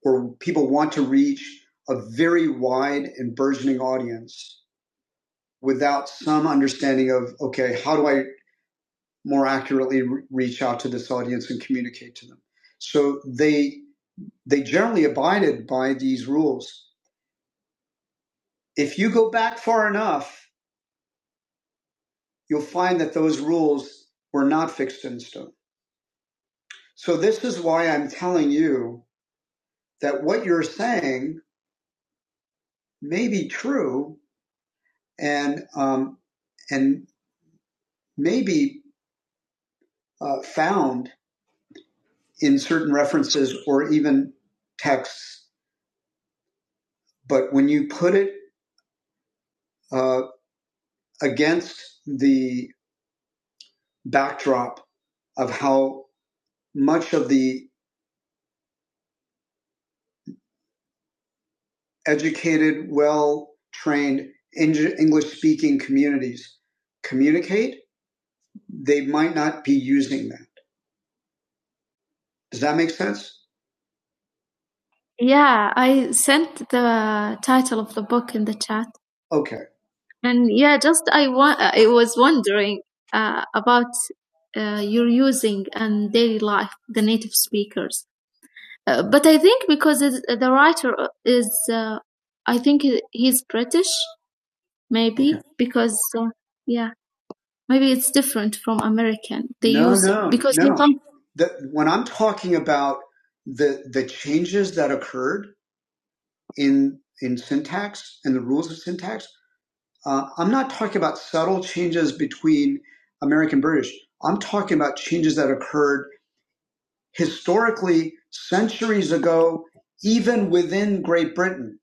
where people want to reach a very wide and burgeoning audience without some understanding of, okay, how do I more accurately re- reach out to this audience and communicate to them? So they, they generally abided by these rules. If you go back far enough, you'll find that those rules were not fixed in stone. So this is why I'm telling you that what you're saying may be true and um, and may be uh, found in certain references or even texts, but when you put it uh, against the backdrop of how much of the educated, well trained English speaking communities communicate, they might not be using that. Does that make sense? Yeah, I sent the title of the book in the chat. Okay. And yeah, just I wa- I was wondering uh, about uh, your using and daily life the native speakers. Uh, but I think because it's, the writer is, uh, I think he- he's British, Okay. maybe Okay. because uh, yeah, maybe it's different from American. They No, use it no, because they no. come. The, when I'm talking about the the changes that occurred in in syntax and the rules of syntax. Uh, I'm not talking about subtle changes between American British. I'm talking about changes that occurred historically centuries ago, even within Great Britain.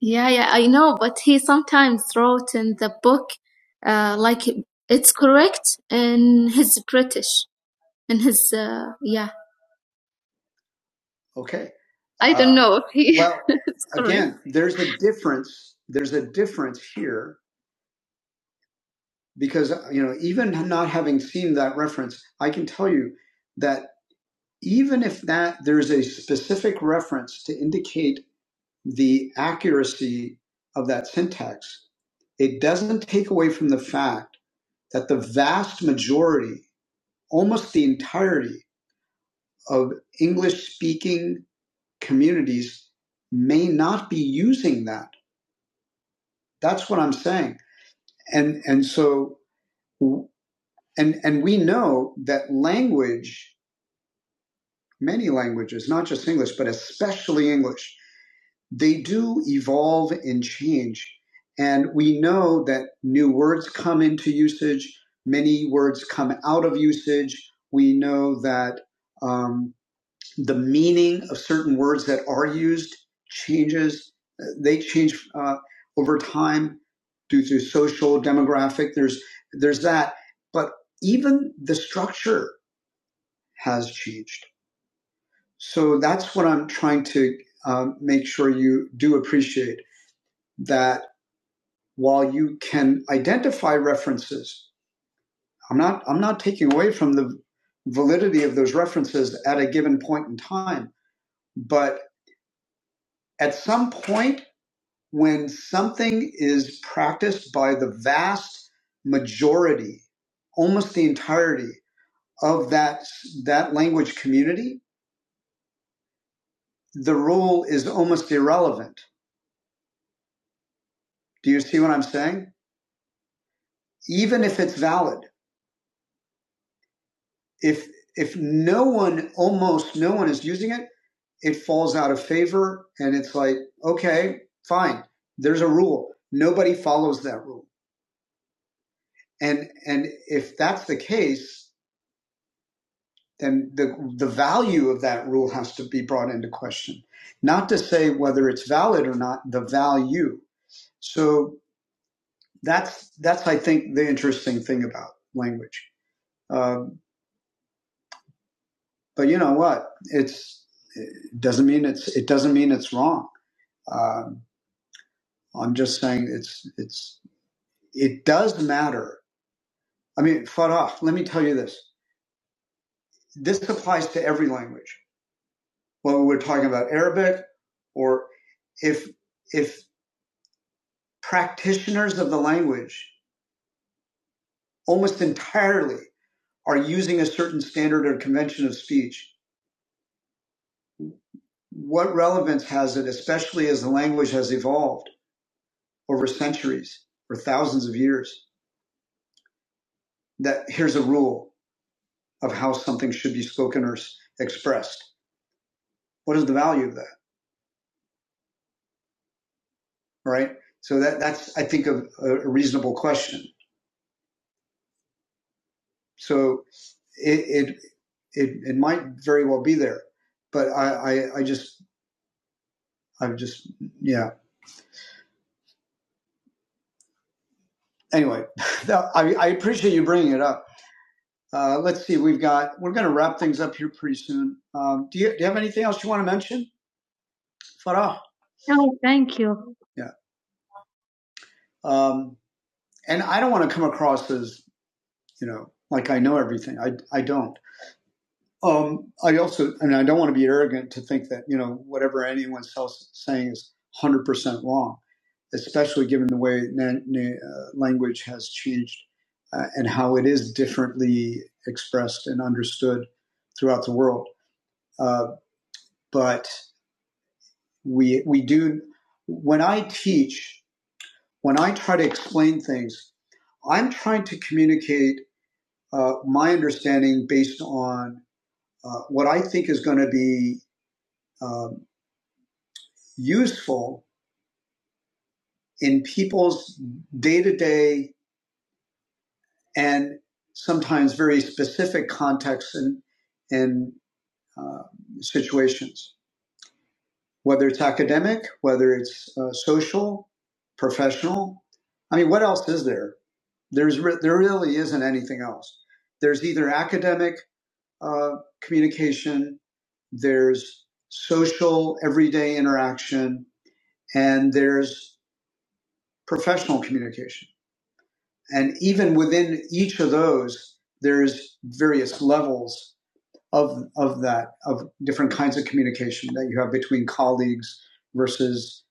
Yeah, yeah, I know, but he sometimes wrote in the book uh, like it's correct in his British, in his, uh, yeah. Okay. I don't Uh, know if he. Well, again, there's a difference. There's a difference here because you know even not having seen that reference i can tell you that even if that there's a specific reference to indicate the accuracy of that syntax it doesn't take away from the fact that the vast majority almost the entirety of english speaking communities may not be using that that's what i'm saying and and so and and we know that language many languages, not just English, but especially English, they do evolve and change. And we know that new words come into usage, many words come out of usage. We know that um, the meaning of certain words that are used changes, Uh, they change uh, over time due to social demographic. There's, there's that. But even the structure has changed so that's what I'm trying to um, make sure you do appreciate that while you can identify references, I'm not I'm not taking away from the validity of those references at a given point in time, but at some point when something is practiced by the vast majority, almost the entirety of that that language community, the rule is almost irrelevant. Do you see what I'm saying? even if it's valid. If if no one, almost no one is using it, it falls out of favor and it's like, okay, fine. There's a rule. Nobody follows that rule. And and if that's the case, then the the value of that rule has to be brought into question. Not to say whether it's valid or not, the value. So that's that's I think the interesting thing about language. Um, But you know what? It's it doesn't mean it's it doesn't mean it's wrong. Um, I'm just saying it's it's it does matter. I mean, Farah, let me tell you this. This applies to every language. Whether we're talking about Arabic or if if practitioners of the language almost entirely are using a certain standard or convention of speech, what relevance has it, especially as the language has evolved over centuries or thousands of years? that here's a rule of how something should be spoken or expressed. What is the value of that? Right. So that that's I think a a reasonable question. So it it it, it might very well be there, but I I, I just i just yeah. Anyway, that, I I appreciate you bringing it up. Uh, let's see. We've got we're going to wrap things up here pretty soon. Um, do you do you have anything else you want to mention, Farah? No, thank you. Yeah. Um, and I don't want to come across as you know, like I know everything. I, I don't. Um, I also, and I don't want to be arrogant to think that, you know, whatever anyone else is saying is 100% wrong, especially given the way na- na- uh, language has changed uh, and how it is differently expressed and understood throughout the world. Uh, but we, we do, when I teach, when I try to explain things, I'm trying to communicate uh, my understanding based on uh, what I think is going to be um, useful in people's day to day and sometimes very specific contexts and, and uh, situations, whether it's academic, whether it's uh, social, professional. I mean, what else is there? There's re- there really isn't anything else. There's either academic uh, communication, there's social everyday interaction, and there's professional communication. And even within each of those, there's various levels of of that of different kinds of communication that you have between colleagues versus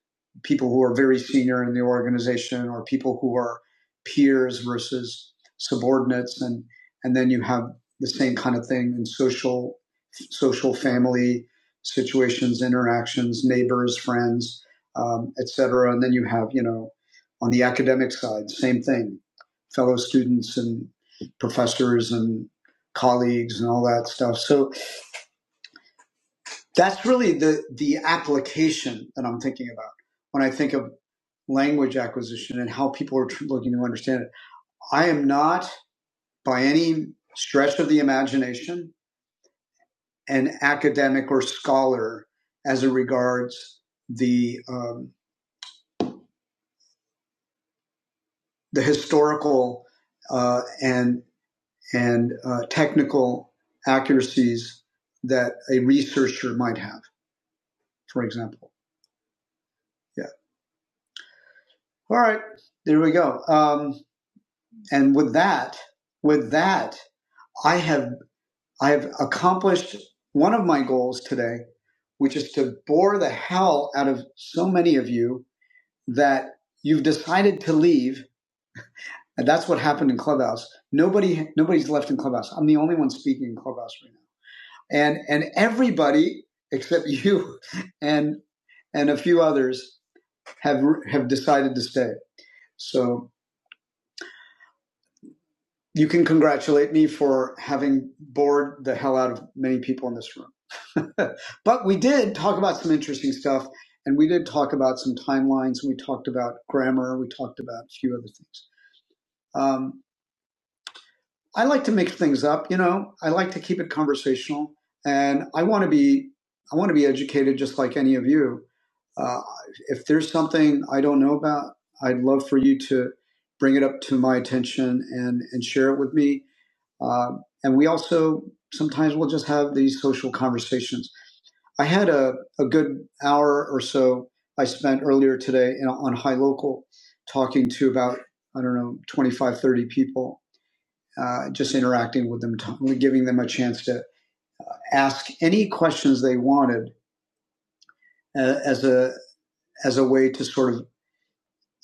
people who are very senior in the organization or people who are peers versus subordinates and and then you have the same kind of thing in social social family situations interactions neighbors friends um, etc and then you have you know on the academic side same thing fellow students and professors and colleagues and all that stuff so that's really the the application that I'm thinking about when I think of language acquisition and how people are tr- looking to understand it. I am not by any stretch of the imagination an academic or scholar as it regards the um, the historical uh, and and uh, technical accuracies that a researcher might have, for example. Yeah. All right. There we go. Um, And with that, with that, I have I have accomplished one of my goals today, which is to bore the hell out of so many of you that you've decided to leave. And that's what happened in Clubhouse. Nobody nobody's left in Clubhouse. I'm the only one speaking in Clubhouse right now. And and everybody except you and and a few others have have decided to stay. So you can congratulate me for having bored the hell out of many people in this room. but we did talk about some interesting stuff, and we did talk about some timelines, and we talked about grammar, we talked about a few other things. Um, I like to mix things up, you know. I like to keep it conversational, and I want to be I want to be educated, just like any of you. Uh, if there's something I don't know about, I'd love for you to bring it up to my attention and and share it with me uh, and we also sometimes we'll just have these social conversations. I had a, a good hour or so I spent earlier today in, on High Local talking to about, I don't know, 25 30 people, uh, just interacting with them, giving them a chance to ask any questions they wanted uh, as a as a way to sort of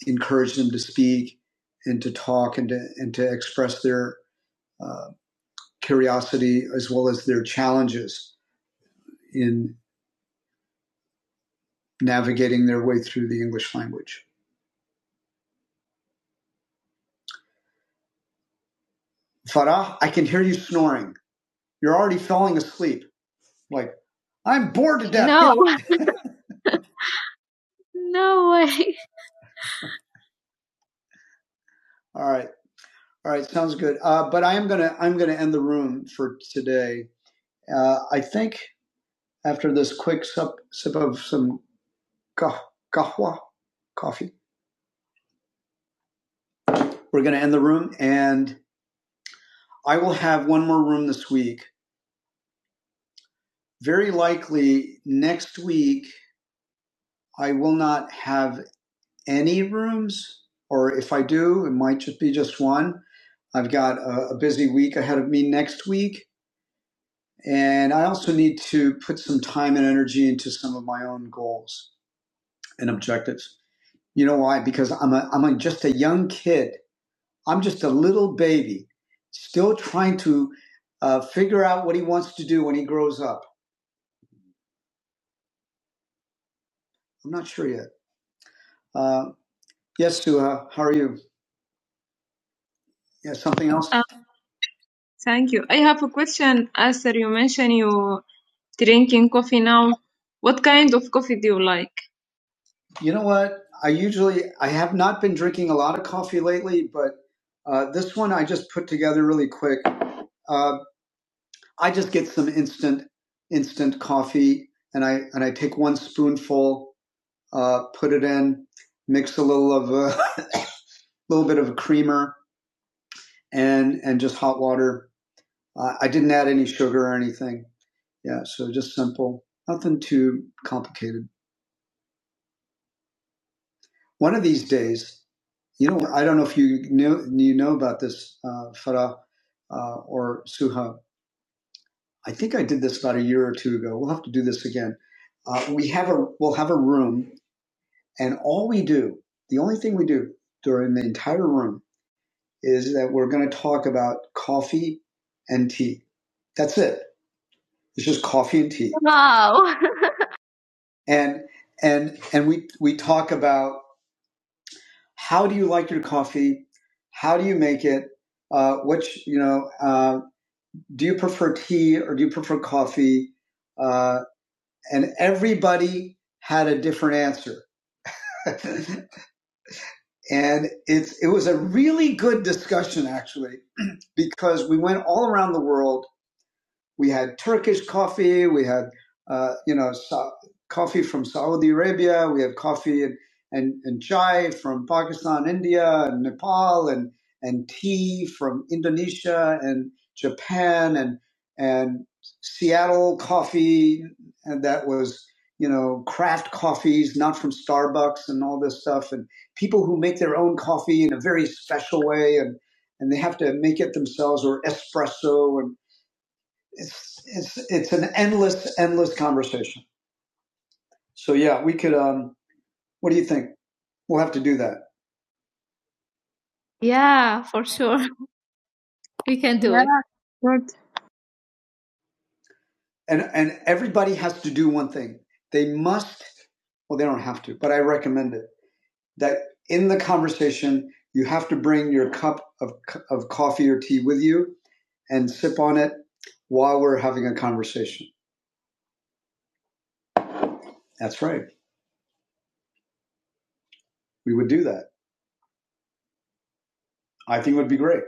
encourage them to speak and to talk and to, and to express their uh, curiosity as well as their challenges in navigating their way through the English language. Farah, I can hear you snoring. You're already falling asleep. Like, I'm bored to death. No, no way. All right. All right. Sounds good. Uh, but I am gonna I'm gonna end the room for today. Uh, I think after this quick sup, sip of some kah- kahwa coffee, we're gonna end the room, and I will have one more room this week. Very likely next week I will not have any rooms, or if I do, it might just be just one. I've got a, a busy week ahead of me next week, and I also need to put some time and energy into some of my own goals and objectives. You know why? Because I'm a, I'm a, just a young kid. I'm just a little baby, still trying to uh, figure out what he wants to do when he grows up. I'm not sure yet. Uh, Yes, Suha, how are you? Yeah, something else. Thank you. I have a question. As you mentioned, you drinking coffee now. What kind of coffee do you like? You know what? I usually I have not been drinking a lot of coffee lately, but uh, this one I just put together really quick. Uh, I just get some instant instant coffee, and I and I take one spoonful, uh, put it in, mix a little of a little bit of a creamer, and and just hot water. Uh, I didn't add any sugar or anything. Yeah, so just simple, nothing too complicated. One of these days, you know, I don't know if you knew you know about this, uh, Farah uh, or Suha. I think I did this about a year or two ago. We'll have to do this again. Uh, we have a we'll have a room, and all we do, the only thing we do during the entire room, is that we're going to talk about coffee and tea. That's it. It's just coffee and tea. Wow. and and and we we talk about How do you like your coffee? How do you make it? Uh, which you know, uh, do you prefer tea or do you prefer coffee? Uh, and everybody had a different answer, and it's it was a really good discussion actually because we went all around the world We had Turkish coffee. We had, uh, you know, Sa- coffee from Saudi Arabia. We had coffee and, and, and chai from Pakistan, India, and Nepal, and, and tea from Indonesia and Japan and, and Seattle coffee. And that was, you know, craft coffees, not from Starbucks and all this stuff. And people who make their own coffee in a very special way. And, and they have to make it themselves or espresso and it's it's it's an endless endless conversation so yeah we could um what do you think we'll have to do that yeah for sure we can do yeah, it Yeah, good. and and everybody has to do one thing they must well they don't have to but i recommend it that in the conversation you have to bring your cup of of coffee or tea with you and sip on it while we're having a conversation that's right we would do that i think it would be great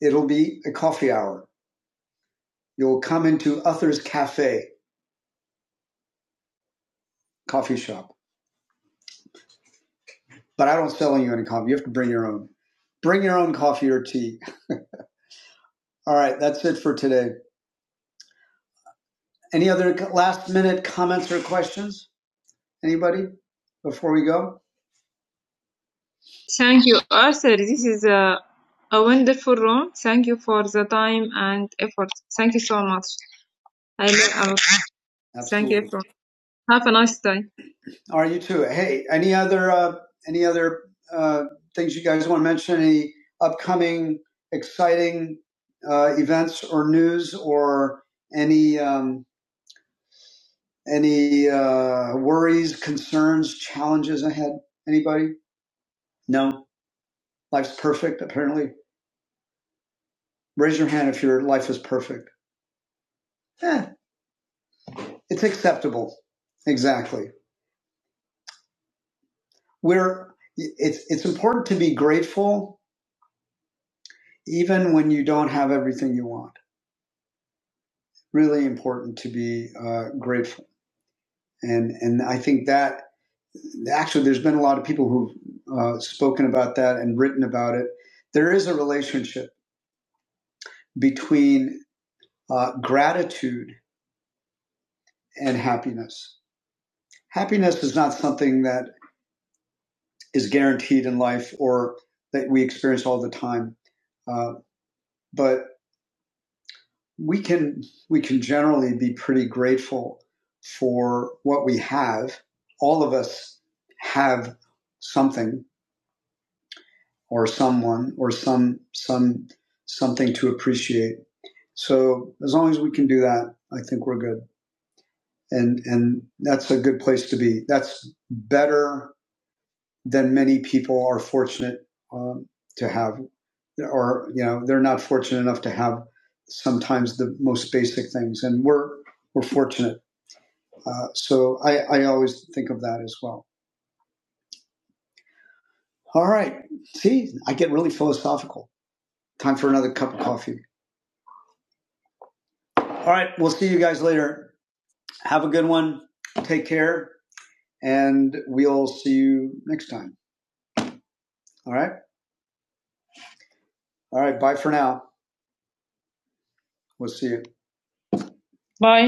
it'll be a coffee hour You'll come into Uther's Cafe coffee shop, but I don't sell you any coffee. You have to bring your own. Bring your own coffee or tea. All right, that's it for today. Any other last minute comments or questions? Anybody before we go? Thank you, Arthur. This is a, a wonderful room. Thank you for the time and effort. Thank you so much. I love. a Thank you, everyone. Have a nice day. Are you too? Hey, any other uh, any other uh, things you guys want to mention? Any upcoming exciting uh, events or news, or any um, any uh, worries, concerns, challenges ahead? Anybody? No, life's perfect. Apparently, raise your hand if your life is perfect. Eh, it's acceptable. Exactly. We're it's it's important to be grateful even when you don't have everything you want really important to be uh, grateful. And and I think that actually there's been a lot of people who've uh, spoken about that and written about it. There is a relationship between uh, gratitude and happiness. Happiness is not something that is guaranteed in life or that we experience all the time, uh, but we can we can generally be pretty grateful for what we have. All of us have something or someone or some some something to appreciate. So as long as we can do that, I think we're good. And and that's a good place to be. That's better than many people are fortunate um, to have, or you know, they're not fortunate enough to have sometimes the most basic things. And we're we're fortunate. Uh, so I, I always think of that as well. All right. See, I get really philosophical. Time for another cup of coffee. All right. We'll see you guys later. Have a good one. Take care. And we'll see you next time. All right. All right. Bye for now. We'll see you. Bye.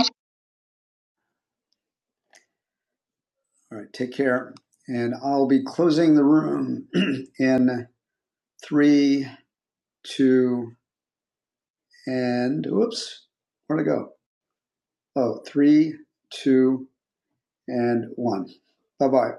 All right. Take care. And I'll be closing the room in three, two, and whoops. Where'd I go? Oh, three, two, and one. Bye bye.